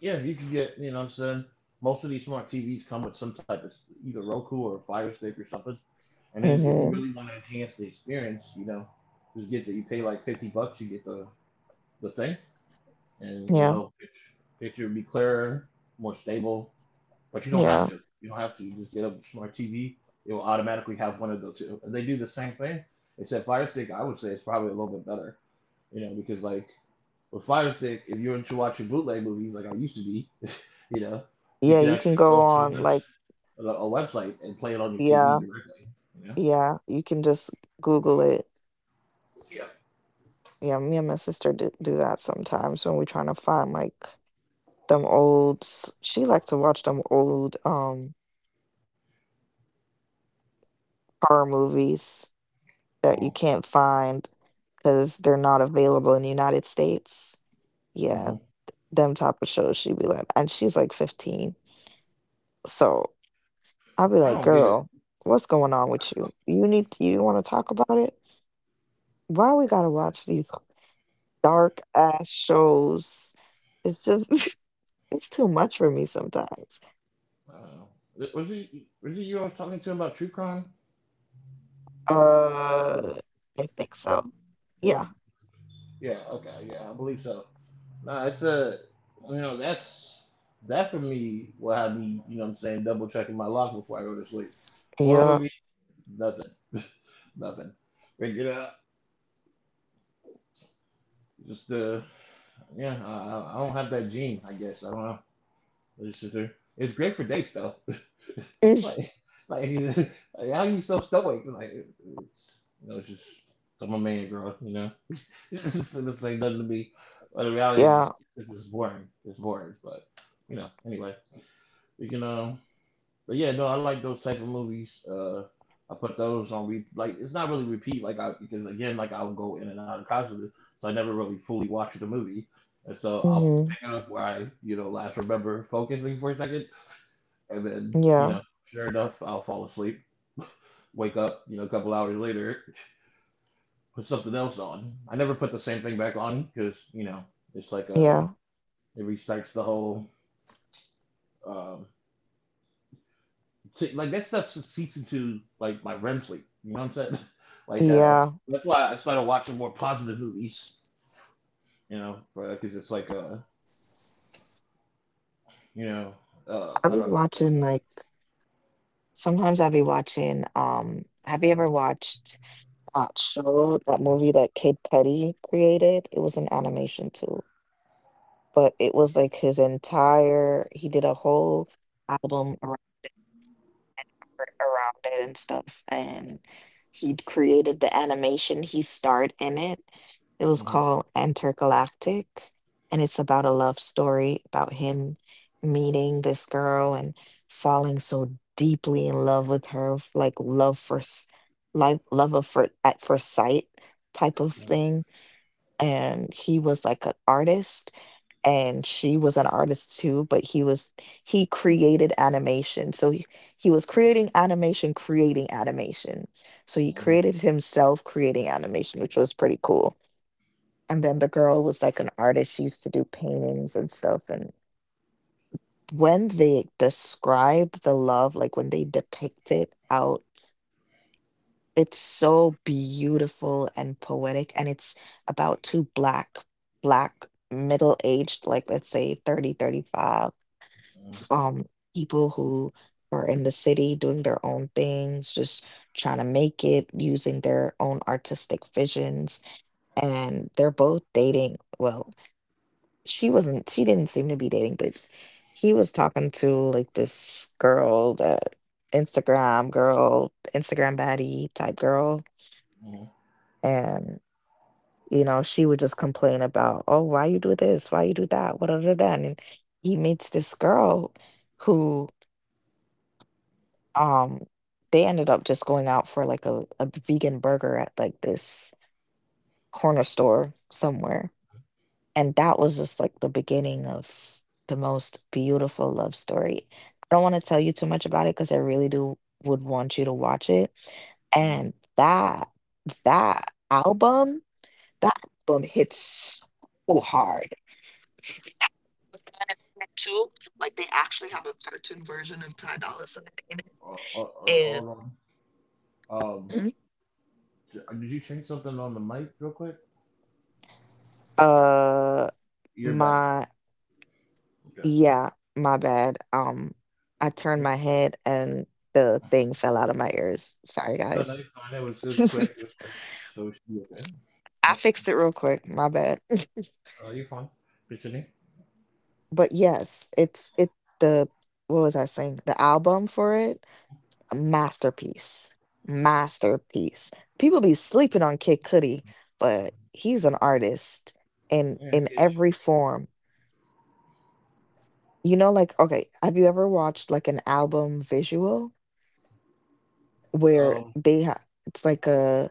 S1: yeah. You can get, you know, what I'm saying most of these smart T Vs come with some type of s- either Roku or Fire Stick or something. And then if you
S2: Hmm
S1: really want to enhance the experience, you know, just get the you pay like fifty bucks, you get the the thing, and
S2: Yeah,
S1: you know, picture, picture would be clearer, more stable, but you don't
S2: yeah,
S1: have to. You don't have to. You just get a smart T V. It will automatically have one of the two. And they do the same thing. Except Fire Stick, I would say it's probably a little bit better. You know, because like with Fire Stick, if you're into watching bootleg movies like I used to be, you know, you
S2: yeah.
S1: can
S2: You can
S1: actually
S2: go
S1: go to a,
S2: on
S1: webs-
S2: like
S1: a website and play it on your T V
S2: yeah,
S1: directly. You know.
S2: yeah. You can just Google it.
S1: Yeah.
S2: Yeah, me and my sister do, do that sometimes when we're trying to find like them old s- she liked to watch them old um horror movies that you
S1: Uh-huh.
S2: can't find because they're not available in the United States. Yeah,
S1: hmm
S2: them type of shows she'd be like, and she's like fifteen. So
S1: I
S2: I'd be
S1: don't get
S2: like,
S1: it.
S2: girl, what's going on with you? You need you want to talk about it? Why we gotta watch these dark ass shows? It's just it's too much for me sometimes.
S1: Uh, was it was it you I was talking to about true crime?
S2: Uh, I think so. Yeah.
S1: Yeah. Okay. Yeah, I believe so. No, it's a you know that's that for me will have me you know what I'm saying double checking my lock before I go to sleep. Horror
S2: Yeah.
S1: movie, nothing, nothing. Break it up. Just uh, yeah, I, I I don't have that gene. I guess I don't know. I just sit there. It's great for dates though.
S2: Mm.
S1: like like, like how you so stoic? Like it- it's, you know, it's just I'm a man, girl. You know, it's just it's like nothing to me. But the reality is, just,
S2: Yeah.
S1: it's just boring. It's boring. But you know, anyway, we can um. But yeah, no, I like those type of movies. Uh, I put those on re- like it's not really repeat like I because again, like I'll go in and out of consciousness, so I never really fully watch the movie, and so I'll
S2: Mhm.
S1: pick it up where I you know last remember focusing for a second, and then you
S2: Yeah,
S1: know sure enough I'll fall asleep, wake up you know a couple hours later, put something else on. I never put the same thing back on because you know it's like uh
S2: yeah,
S1: it restarts the whole. um, So, like that stuff seeps into like my REM sleep. You know what I'm saying? Like uh,
S2: yeah.
S1: that's why I started watching more positive movies. You know, because it's like uh, you know, uh,
S2: I
S1: how do
S2: be
S1: I explain
S2: watching like sometimes I be watching um have you ever watched that show, that movie that Kid Cudi created? It was an animation too. But it was like his entire he did a whole album around and art around it and stuff. And he'd created the animation. He starred in it. It
S1: it?
S2: was
S1: Mm-hmm.
S2: called Intergalactic, and it's about a love story about him meeting this girl and falling so deeply in love with her, f- like love for, like love of for at first sight type of thing. And he was like an artist, and she was an artist too, but he was he created animation. So he, he was creating animation, creating animation, so he
S1: Mm-hmm.
S2: created himself creating animation, which was pretty cool. And then the girl was like an artist. She used to do paintings and stuff. And when they describe the love, like when they depict it out, it's so beautiful and poetic. And it's about two black black middle-aged, like let's say thirty, thirty-five, um, people who are in the city doing their own things, just trying to make it using their own artistic visions. And they're both dating. Well, she wasn't, she didn't seem to be dating, but he was talking to like this girl that Instagram girl, Instagram baddie type girl.
S1: Mm-hmm.
S2: And. You know, she would just complain about, oh, why you do this? Why you do that? What da, da, da. And he meets this girl who, um they ended up just going out for like a, a vegan burger at like this corner store somewhere. And that was just like the beginning of the most beautiful love story. I don't want to tell you too much about it because I really do would want you to watch it.
S1: Mm-hmm.
S2: And that that album, that album hits so hard. But then I found it too. Like they actually have a cartoon version of Ty Dolla Sign in
S1: Uh, uh, uh,
S2: it.
S1: Hold on. Um,
S2: And
S1: d- uh, did you change something on the mic real quick?
S2: uh,
S1: You're back now.
S2: my
S1: Okay.
S2: yeah, my bad. Um, I turned my
S1: Like,
S2: head and the thing fell out of my ears. Sorry,
S1: no, no,
S2: guys.
S1: you're fine. It was
S2: I
S1: just quick. It was quick. So we should be okay. Yeah.
S2: fixed it real quick. My bad.
S1: Uh, you're fine. Continue.
S2: But yes, it's it the what was I saying? The album for it. Masterpiece. Masterpiece. People be sleeping on Kid Cudi, but he's an artist in
S1: Yeah,
S2: in
S1: I get
S2: every form. You know, like, okay, have you ever watched like an album visual
S1: you.
S2: where
S1: Um,
S2: they have, it's like a,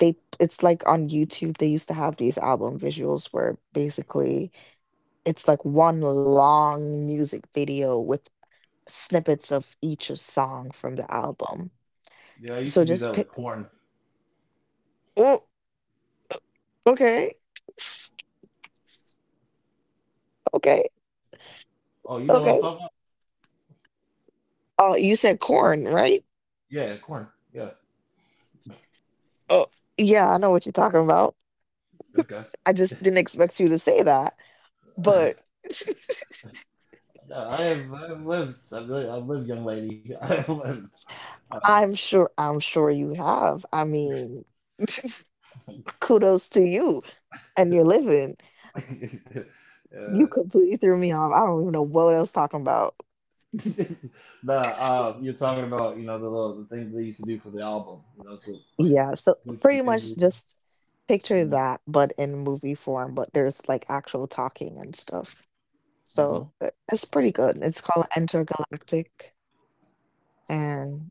S2: they it's like on YouTube they used to have these album visuals where basically it's like one long music video with snippets of each song from the album.
S1: Yeah, I used to
S2: So
S1: do
S2: just
S1: that with
S2: pick,
S1: porn.
S2: oh, okay. Okay.
S1: Oh, you know what I'm
S2: Okay.
S1: talking about?
S2: Oh, you said corn, right?
S1: Yeah, corn. Yeah.
S2: Oh, yeah, I know what you're talking about.
S1: Okay.
S2: I just didn't expect you to say that, but
S1: No, I have I've lived I've lived, I've lived, young lady. I've lived. uh,
S2: I'm sure I'm sure you have. I mean, kudos to you and your living. You
S1: uh
S2: completely threw me off. I don't even know what I was talking about.
S1: Nah, uh you're talking about, you know, the little the thing they used to do for the album, you know, so like
S2: Yeah, so
S1: push the
S2: pretty
S1: injury.
S2: much just picture
S1: Mm-hmm.
S2: that, but in movie form, but there's like actual talking and stuff.
S1: Mm-hmm.
S2: So uh, it's pretty good. It's called Intergalactic. And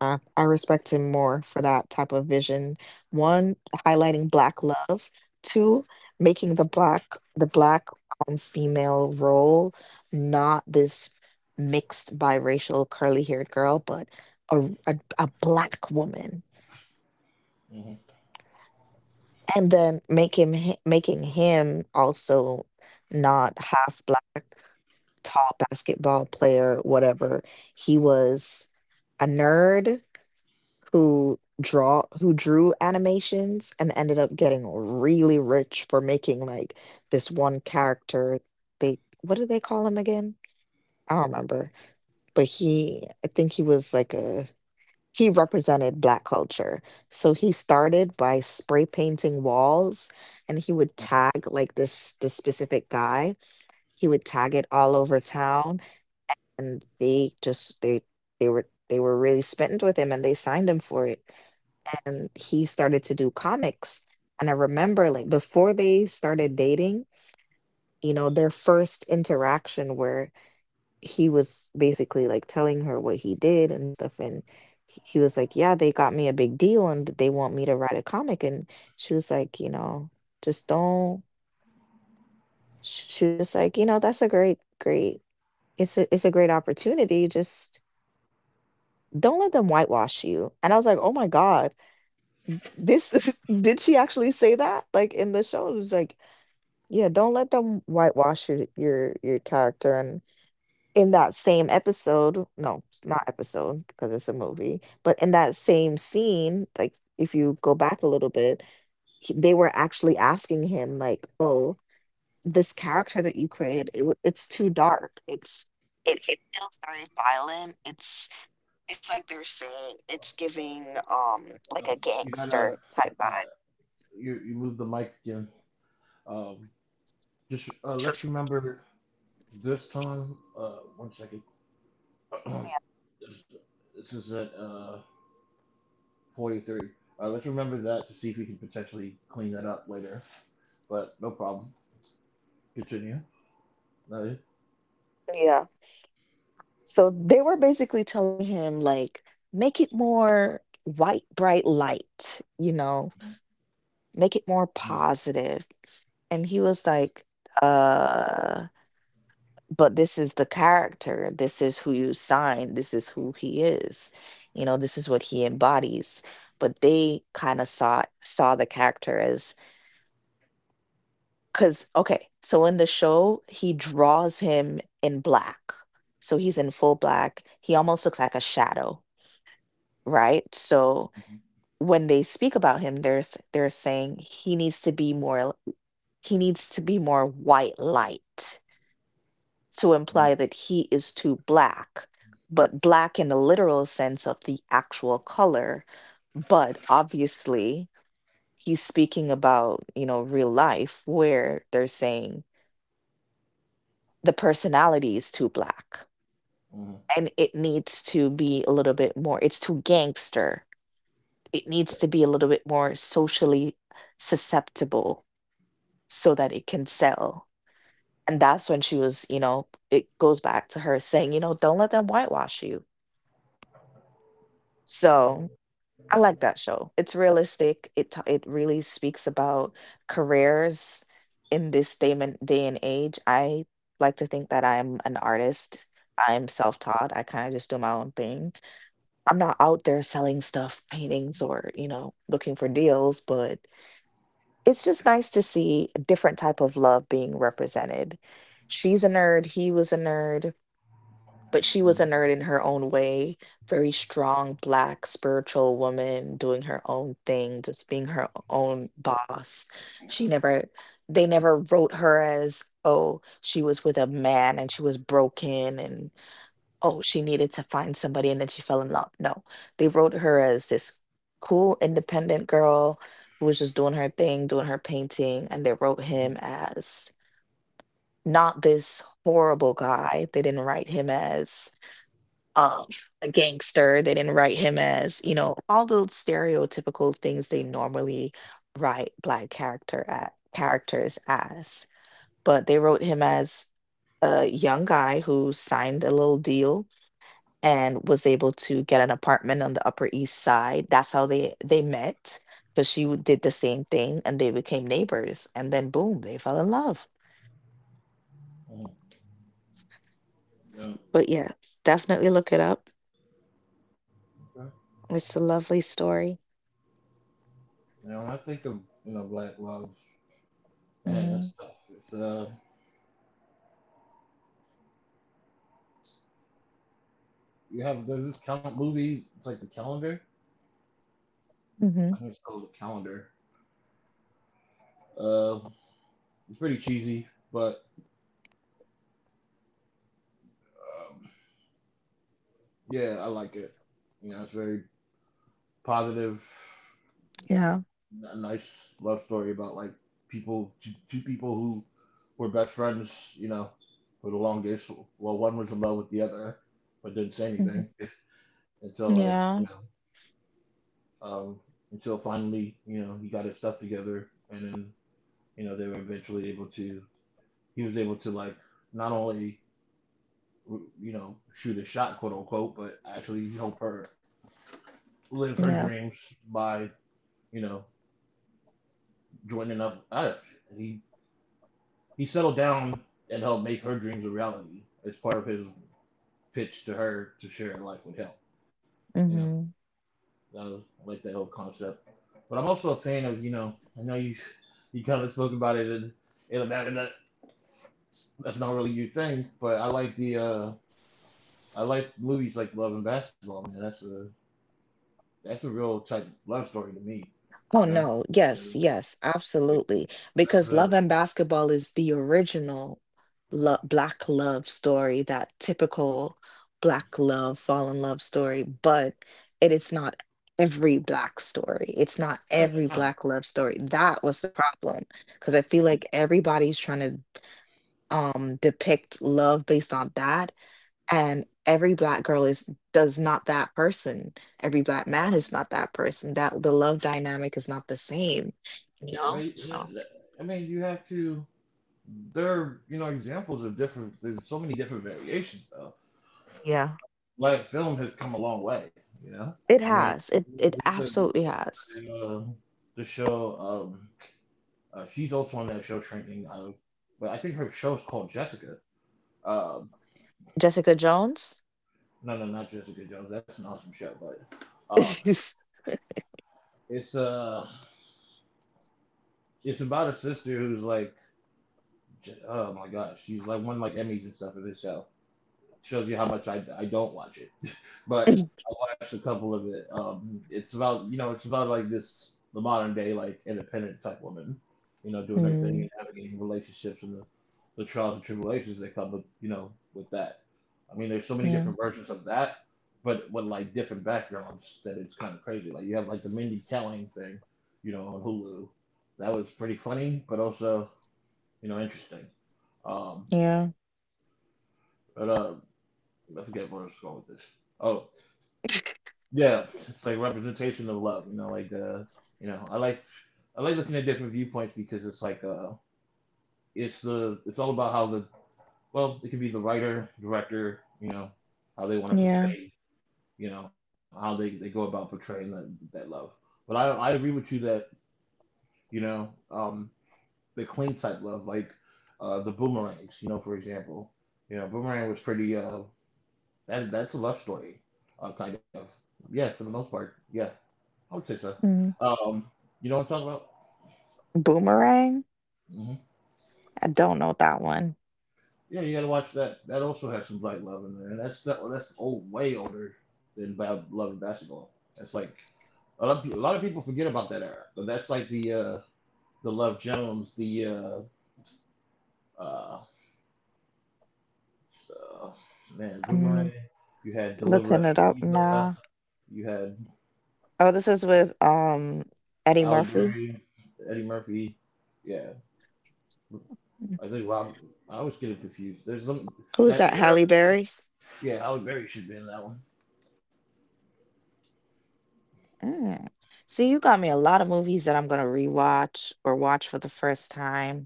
S2: I, I respect him more for that type of vision. One, highlighting black love. Two, making the black the black um, female role, not this mixed biracial curly haired girl, but a, a a black woman.
S1: Hmm.
S2: And then make him hi- making him also not half black, tall basketball player, whatever. He was a nerd who draw who drew animations and ended up getting really rich for making like this one character. They, what do they call him again? I don't remember. But he I think he was like a, he represented black culture. So he started by spray painting walls, and he would tag like this this specific guy. He would tag it all over town, and they just they they were they were really smitten with him and they signed him for it, and he started to do comics. And I remember like before they started dating, you know, their first interaction where he was basically like telling her what he did and stuff. And he he was like, "Yeah, they got me a big deal and they want me to write a comic." And she was like, "You know, just don't." sh- She was just like, "You know, that's a great, great, it's a, it's a great opportunity. Just don't let them whitewash you." And I was like, "Oh my God, this is," did she actually say that? Like in the show it was like, "Yeah, don't let them whitewash your your your character." And in that same episode, no, it's not episode because it's a movie, but in that same scene, like if you go back a little bit, he, they were actually asking him like, "Oh, this character that you created, it, w- it's too dark. It's it, it feels very violent. It's it's like they're saying it's giving um
S1: Uh,
S2: like a
S1: you gotta
S2: gangster type
S1: uh,
S2: vibe."
S1: you you move the mic again. Um, just uh,
S2: So
S1: let's remember this time. Uh, one second. this, this is at Uh, forty-three. Uh, let's remember that to see if we can potentially clean that up later. But no problem. Continue. No.
S2: yeah. So they were basically telling him, like, make it more white, bright light, you know, make it more positive. And he was like, uh, but this is the character. This is who you sign. This is who he is. You know, this is what he embodies. But they kind of saw saw the character as, because okay, so in the show, he draws him in black. So he's in full black. He almost looks like a shadow, right? So
S1: Mm-hmm.
S2: when they speak about him, they're s- they're saying he needs to be more he needs to be more white light, to imply that he is too black, but black in the literal sense of the actual color. But obviously, he's speaking about, you know, real life where they're saying the personality is too black,
S1: Mm-hmm.
S2: and it needs to be a little bit more, it's too gangster, it needs to be a little bit more socially susceptible so that it can sell. And that's when she was, you know, it goes back to her saying, you know, don't let them whitewash you. So I like that show. It's realistic. It t- it really speaks about careers in this day and day and age. I like to think that I'm an artist. I'm self-taught. I kind of just do my own thing. I'm not out there selling stuff, paintings, or you know, looking for deals, but it's just nice to see a different type of love being represented. She's a nerd, he was a nerd, but she was a
S1: Mm-hmm.
S2: nerd in her own way, very strong black spiritual woman doing her own thing, just being her own boss. She never they never wrote her as, oh, she was with a man and she was broken and oh, she needed to find somebody and then she fell in love. No, they wrote her as this cool, independent girl who was just doing her thing, doing her painting, and they wrote him as not this horrible guy. They didn't write him as um, a gangster. They didn't write him as, you know, all those stereotypical things they normally write black character at characters as. But they wrote him as a young guy who signed a little deal and was able to get an apartment on the Upper East Side. That's how they they met, because she w- did the same thing and they became neighbors and then boom, they fell in love.
S1: Yeah, mhm, mhm, mhm,
S2: But yeah, definitely look it up.
S1: yeah, okay.
S2: It's a lovely story.
S1: Now, when I think of you know Black Lives, man,
S2: Mm-hmm.
S1: that's tough. It's uh, you have there's this count movie. It's like the calendar.
S2: Mm-hmm.
S1: I think it's called the calendar. Uh, it's pretty cheesy, but um, yeah, I like it. You know, it's very positive.
S2: Yeah.
S1: A nice love story about like people, two, two people who were best friends, you know, for the longest. Well, one was in love with the other, but didn't say
S2: Hmm.
S1: anything until like you
S2: Yeah.
S1: know, um, until finally you know he got his stuff together, and then you know they were eventually able to. He was able to like not only you know shoot a shot, quote unquote, but actually help her live her
S2: Yeah.
S1: dreams by you know joining up with us. And he he settled down and helped make her dreams a reality as part of his pitch to her to share life with him. You know,
S2: Mm-hmm.
S1: that was, I like that whole concept. But I'm also a fan of, you know, I know you you kind of spoke about it, and, and that, that's not really your thing, but I like the uh I like movies like Love and Basketball, man. That's a that's a real type of love story to me,
S2: Oh
S1: you know.
S2: no, yes, yes, absolutely.
S1: That's
S2: Because Love
S1: a
S2: and Basketball is the original lo black love story, that typical black love, fall in love story, but it is not every black story. It's not
S1: I
S2: every
S1: mean, no,
S2: black love story. That was the problem. Because I feel like everybody's trying to um depict love based on that. And every black girl is does not that person. Every black man is not that person. That the love dynamic is not the same, you
S1: but,
S2: know? So,
S1: uh, I mean, you have to. There, you know, examples of different. There's so many different variations, though.
S2: yeah.
S1: Black film has come a long way. You know,
S2: It
S1: I mean,
S2: has. It it
S1: we put, we
S2: absolutely has.
S1: put uh, the show. Um, uh, she's also on that show, Shrinking. Uh, but I think her show is called Jessica. Um,
S2: Jessica Jones?
S1: no, no, not Jessica Jones. That's an awesome show, but um, it's uh, it's about a sister who's like, oh my gosh, she's like won like Emmys and stuff in this show. Shows you how much I, I don't watch it. But I watched a couple of it. Um, it's about you know it's about like this the modern day like independent type woman, you know, doing her thing
S2: Mhm.
S1: and navigating relationships and the, the trials and tribulations that come with you know with that. I mean, there's so many
S2: Yeah.
S1: different versions of that, but with like different backgrounds that it's kind of crazy. Like you have like the Mindy Kaling thing, you know, on Hulu. That was pretty funny, but also you know interesting. Um,
S2: Yeah.
S1: but uh, I forget where I was going with this. Oh, yeah, it's like representation of love, you know, like the you know, I like I like looking at different viewpoints because it's like uh it's the it's all about how the well, it could be the writer, director, you know, how they want to
S2: Yeah.
S1: portray, you know, how they, they go about portraying that that love. But I I agree with you that, you know, um the clean type love, like uh the boomerangs, you know, for example. You know, boomerang was pretty uh that that's a love story, uh kind of. Yeah, for the most part. Yeah, I would say so.
S2: Mm.
S1: Um, you know what I'm talking about?
S2: Boomerang?
S1: Hmm.
S2: I don't know that one.
S1: Yeah, you gotta watch that. That also has some black love in there, and that's that, that's old, way older than Bad Love and Basketball. That's like a lot, of, pe- a lot of people forget about that era, but that's like the uh, the Love Jones, the uh, uh, uh, man,
S2: I'm
S1: Boomerang. You had
S2: looking
S1: Deliver
S2: it
S1: Us from
S2: up now.
S1: Eva. You had
S2: Oh, this is with um Eddie
S1: Halle
S2: Murphy.
S1: Berry, Eddie Murphy. Yeah,
S2: Mm.
S1: I think Rob. I always get it confused. There's some
S2: Who's
S1: that
S2: that?
S1: era.
S2: Halle Berry.
S1: Yeah, Halle Berry should be in that one.
S2: Mm. See, you got me a lot of movies that I'm gonna rewatch or watch for the first time.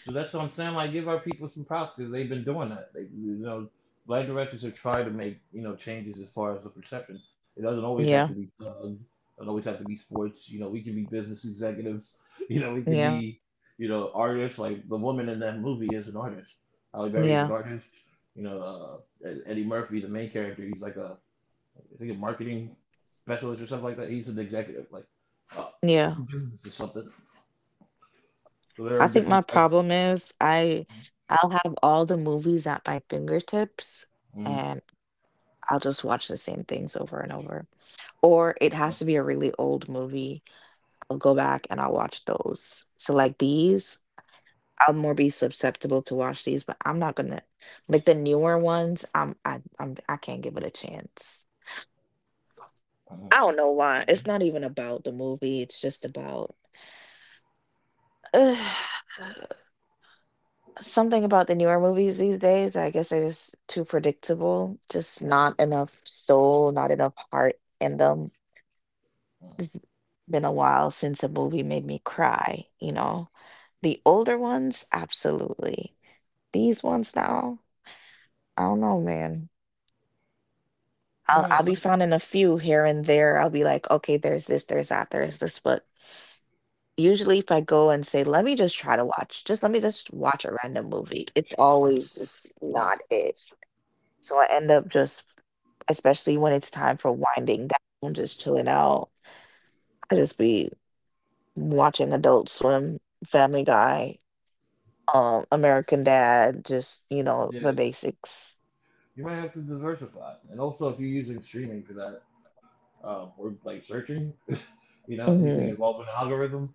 S1: So that's what I'm saying. Like, give our people some props because they've been doing that. They, you know, black directors have tried to make you know changes as far as the perception. It doesn't always have to
S2: Yeah,
S1: be thug. Doesn't always have to be sports. You know, we can be business executives. You know, we can
S2: yeah,
S1: be you know artists. Like the woman in that movie is an artist. Halle Berry is an
S2: yeah,
S1: artist. You know, uh, E-, Eddie Murphy, the main character, he's like a I think a marketing specialist or something like that. He's an executive, like uh,
S2: yeah.
S1: business or something. So there
S2: I
S1: are
S2: think my
S1: different types.
S2: problem is I I'll have all the movies at my fingertips,
S1: Hmm.
S2: and I'll just watch the same things over and over. Or it has to be a really old movie. I'll go back and I'll watch those. So like these, I'll more be susceptible to watch these, but I'm not gonna, like the newer ones, I'm I I'm I can't give it a chance. I don't know why. It's not even about the movie, it's just about something about the newer movies these days, I guess they're just too predictable, just not enough soul, not enough heart in them.
S1: Well,
S2: It's been a while since a movie made me cry, you know? The older ones, absolutely. These ones now, I don't know, man. I'll I'll be finding a few here and there. I'll be like, okay, there's this, there's that, there's this. But usually if I go and say, let me just try to watch, just let me just watch a random movie, it's always just not it. So I end up just especially when it's time for winding down, just chilling out, I just be watching Adult Swim, Family Guy, um, American Dad, just, you know, the
S1: yeah,
S2: basics.
S1: you might have to diversify, and also if you're using streaming for that, um, or like searching, you know, anything
S2: Mhm.
S1: involving an algorithm,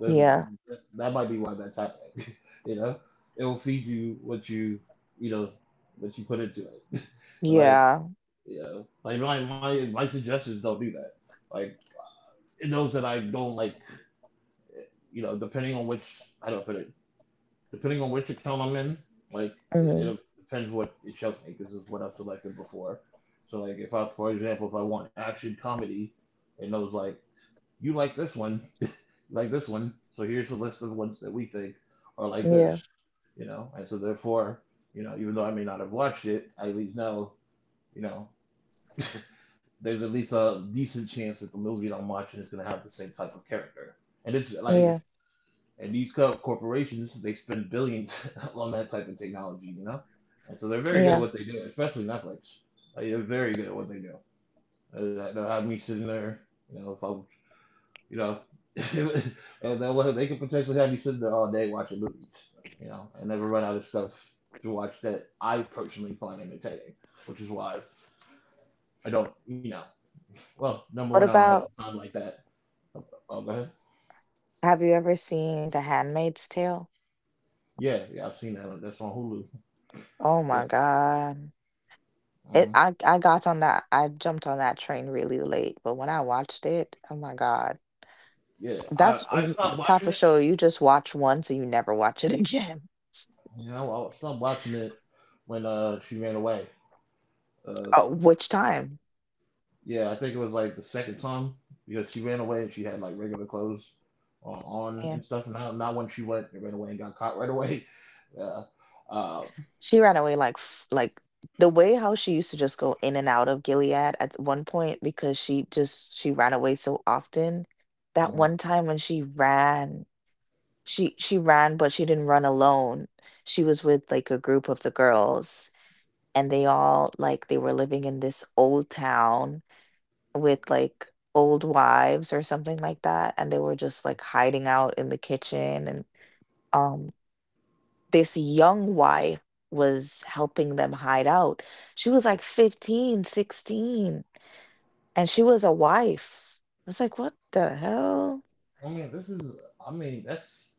S1: there's
S2: Yeah.
S1: that, that might be why that's happening. You know, it will feed you what you, you know, what you put into it. So like,
S2: Yeah.
S1: you know, like my my my suggestions don't do that. Like it knows that I don't like, you know, depending on which how do I put it, depending on which account I'm in, like it,
S2: Mhm.
S1: it'll depends what it shows me. This is what I've selected before. So like if I, for example, if I want action comedy, it knows like you like this one, like this one. So here's the list of ones that we think are like
S2: Yeah.
S1: this, you know. And so therefore, you know, even though I may not have watched it, I at least know, you know, there's at least a decent chance that the movie that I'm watching is gonna have the same type of character. And it's like
S2: Yeah.
S1: And these co- corporations, they spend billions on that type of technology, you know? And so they're very good at
S2: Yeah.
S1: what they do, especially Netflix. Like, they're very good at what they do. I That they have me sitting there, you know, if I'm, you know, and then what- they could potentially have me sitting there all day watching movies, you know, and never run out of stuff to watch that I personally find entertaining, which is why I don't, you know, well, number one,
S2: What
S1: I don't have
S2: about
S1: the time like that. Oh, go ahead.
S2: have you ever seen The Handmaid's Tale?
S1: Yeah, yeah, I've seen that. That's on Hulu.
S2: Oh my
S1: Yeah.
S2: God. It
S1: Mm-hmm.
S2: I I got on that I jumped on that train really late, but when I watched it, oh my God.
S1: Yeah, I,
S2: That's
S1: I
S2: mm,
S1: stopped
S2: the type
S1: watching
S2: of
S1: it.
S2: show you just watch once and you never watch it again.
S1: You know, I stopped watching it when uh she ran away. Uh,
S2: Oh. Which time?
S1: yeah, I think it was like the second time because she ran away and she had like regular clothes on, on
S2: Yeah.
S1: and stuff. Not not when she went and ran away and got caught right away. Yeah. Uh,
S2: She ran away like f like the way how she used to just go in and out of Gilead at one point because she just she ran away so often. That
S1: mhm.
S2: one time when she ran, she she ran, but she didn't run alone. She was with like a group of the girls and they all like they were living in this old town with like old wives or something like that, and they were just like hiding out in the kitchen and um this young wife was helping them hide out. She was like fifteen, sixteen, and she was a wife. I was like, what the hell?
S1: I mean, this is. I mean, that's.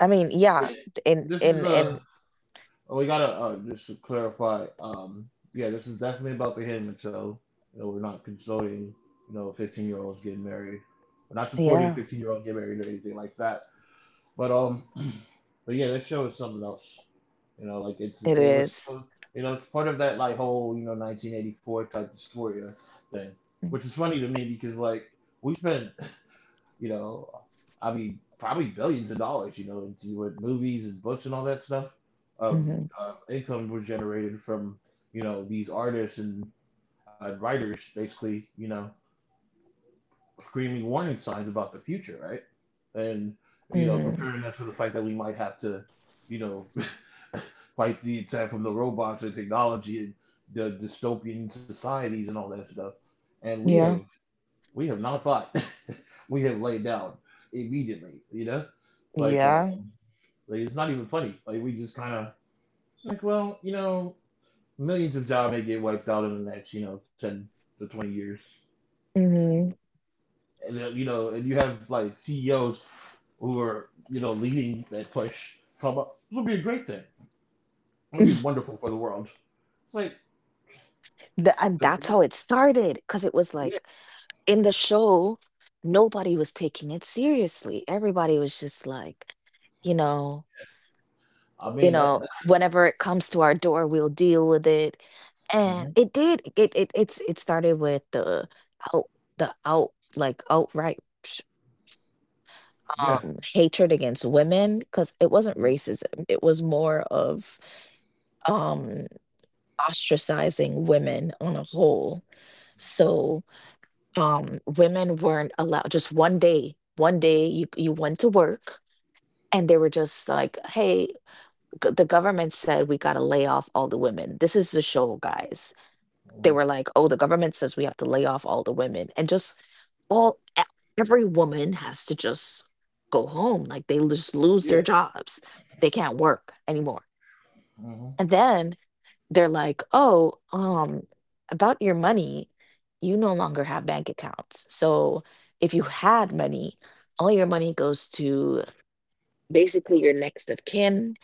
S2: I mean, yeah,
S1: Yeah.
S2: in
S1: This
S2: in
S1: is
S2: in
S1: a. Oh, we gotta uh, just to clarify. Um, yeah, this is definitely about the Hinman show. You know, we're not condoning, you know, fifteen year olds getting married. We're not supporting
S2: yeah,
S1: fifteen year olds getting married or anything like that. But um, but yeah, that show is something else. You know, like it's
S2: it
S1: it was,
S2: is.
S1: uh, you know, it's part of that like whole you know nineteen eighty-four type dysphoria thing,
S2: Mm.
S1: which is funny to me because like we spent you know, I mean, probably billions of dollars. You know, into with movies and books and all that stuff
S2: Mm-hmm.
S1: of uh, income were generated from you know these artists and uh, writers basically you know screaming warning signs about the future, right? And you know,
S2: Mm-hmm.
S1: preparing us for the fact that we might have to, you know, fight the attack from the robots and technology and the dystopian societies and all that stuff. And we
S2: Yeah.
S1: have we have not fought. We have laid down immediately, you know? Like, uh,
S2: Yeah.
S1: like it's not even funny. Like, we just kind of, like, well, you know, millions of jobs may get wiped out in the next, you know, ten to twenty years.
S2: Mm-hmm.
S1: And then, you know, and you have, like, C E Os who are, you know, leading that push. Talk about, this would be a great thing. It would be wonderful for the world. It's like,
S2: Th- and
S1: th-
S2: that's
S1: th-
S2: how it started because it was
S1: yeah,
S2: like in the show, nobody was taking it seriously. Everybody was just like, you know,
S1: I
S2: you
S1: mean, that,
S2: know,
S1: that's,
S2: whenever it comes to our door, we'll deal with it. And
S1: hmm,
S2: it did. It it it's it started with the out the out like outright sh-
S1: yeah.
S2: um hatred against women because it wasn't
S1: Hmm.
S2: racism. It was more of um ostracizing women on a whole. So um, women weren't allowed just one day, one day you you went to work and they were just like, "Hey, g- the government said we got to lay off all the women. This is the show, guys." They were like, "Oh, the government says we have to lay off all the women." And just all e- every woman has to just go home. Like they just lose
S1: Yeah.
S2: their jobs. They can't work anymore.
S1: Mm-hmm.
S2: And then they're like, "Oh, um, about your money, you no longer have bank accounts. So if you had money, all your money goes to basically your next of kin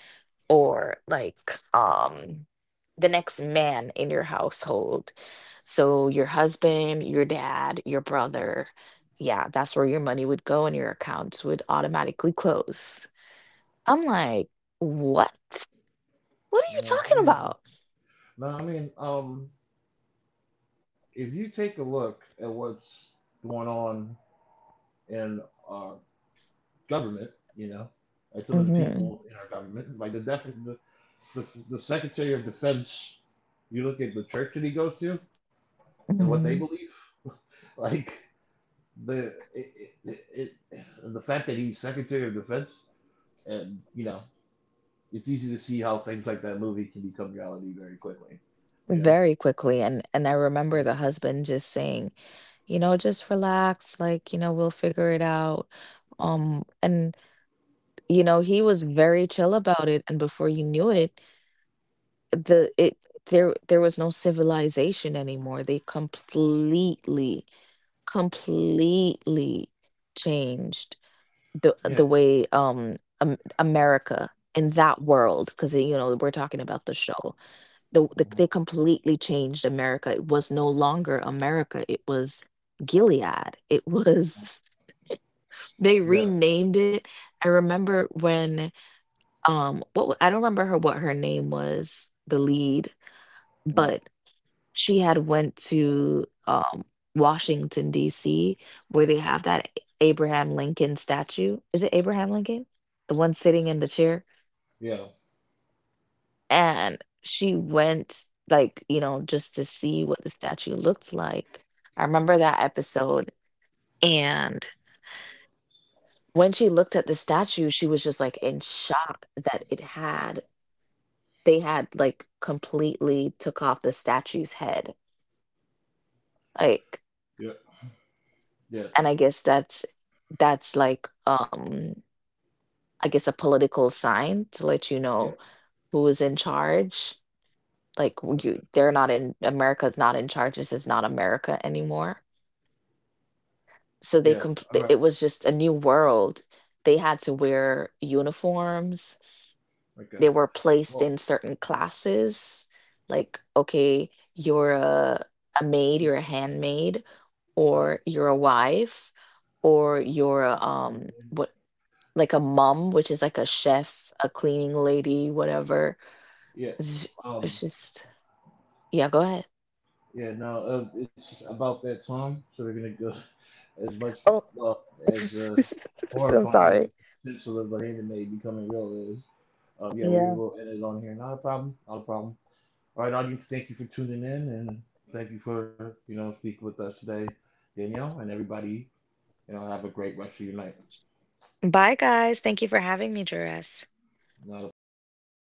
S2: or like um the next man in your household. So your husband, your dad, your brother, yeah, that's where your money would go and your accounts would automatically close. I'm like, what? What are you
S1: Yeah, I
S2: talking
S1: mean,
S2: about?
S1: no, I mean, um, if you take a look at what's going on in our government, you know, and some of the
S2: hmm
S1: people in our government, like the, def- the, the the Secretary of Defense. You look at the church that he goes to and what they believe, like the it, it, it, the fact that he's Secretary of Defense, and you know, it's easy to see how things like that movie can become reality very quickly, you know.
S2: Very quickly, and and I remember the
S1: Yeah.
S2: husband just saying, you know, just relax, like, you know, we'll figure it out. Um, and you know, he was very chill about it and before you knew it, the it there there was no civilization anymore. They completely completely changed the
S1: Yeah.
S2: the way um Am- America in that world because you know we're talking about the show the, the they completely changed America. It was no longer America. It was Gilead. It was they
S1: Yeah.
S2: renamed it. I remember when um what wa- I don't remember her what her name was, the lead,
S1: Mhm.
S2: but she had went to um Washington D C where they have that Abraham Lincoln statue. Is it Abraham Lincoln? The one sitting in the chair?
S1: Yeah.
S2: And she went, like, you know, just to see what the statue looked like. I remember that episode, and when she looked at the statue, she was just, like, in shock that it had they had, like, completely took off the statue's head, like,
S1: Yeah. Yeah.
S2: and I guess that's that's, like, um, I guess a political sign to let you
S1: Yeah.
S2: know who is in charge, like, w you they're not in America's not in charge, this is not America anymore. So they
S1: Yeah.
S2: compl-
S1: All right.
S2: it was just a new world. They had to wear uniforms.
S1: Okay.
S2: They were placed
S1: Well,
S2: in certain classes. Like, okay, you're a, a maid,
S1: yeah.
S2: you're a handmaid,
S1: Uh,
S2: or you're a wife, or you're a,
S1: um,
S2: um what like a mom, which is like a chef, a cleaning lady, whatever.
S1: yeah.
S2: It's ju-
S1: Um.
S2: it's just yeah, go ahead.
S1: Yeah. Now uh, it's about that time, so we're gonna go as much
S2: Oh,
S1: uh, as uh,
S2: I'm
S1: horrifying
S2: sorry.
S1: as the potential of a anime becoming real is. Um. Yeah. We
S2: Yeah.
S1: will end it on here. Not a problem. Not a problem. All right, audience. Thank you for tuning in, and thank you for you know speaking with us today, Danielle, and everybody. You know, have a great rest of your night.
S2: Bye guys. Thank you for having me, Jerez.
S1: Not a problem.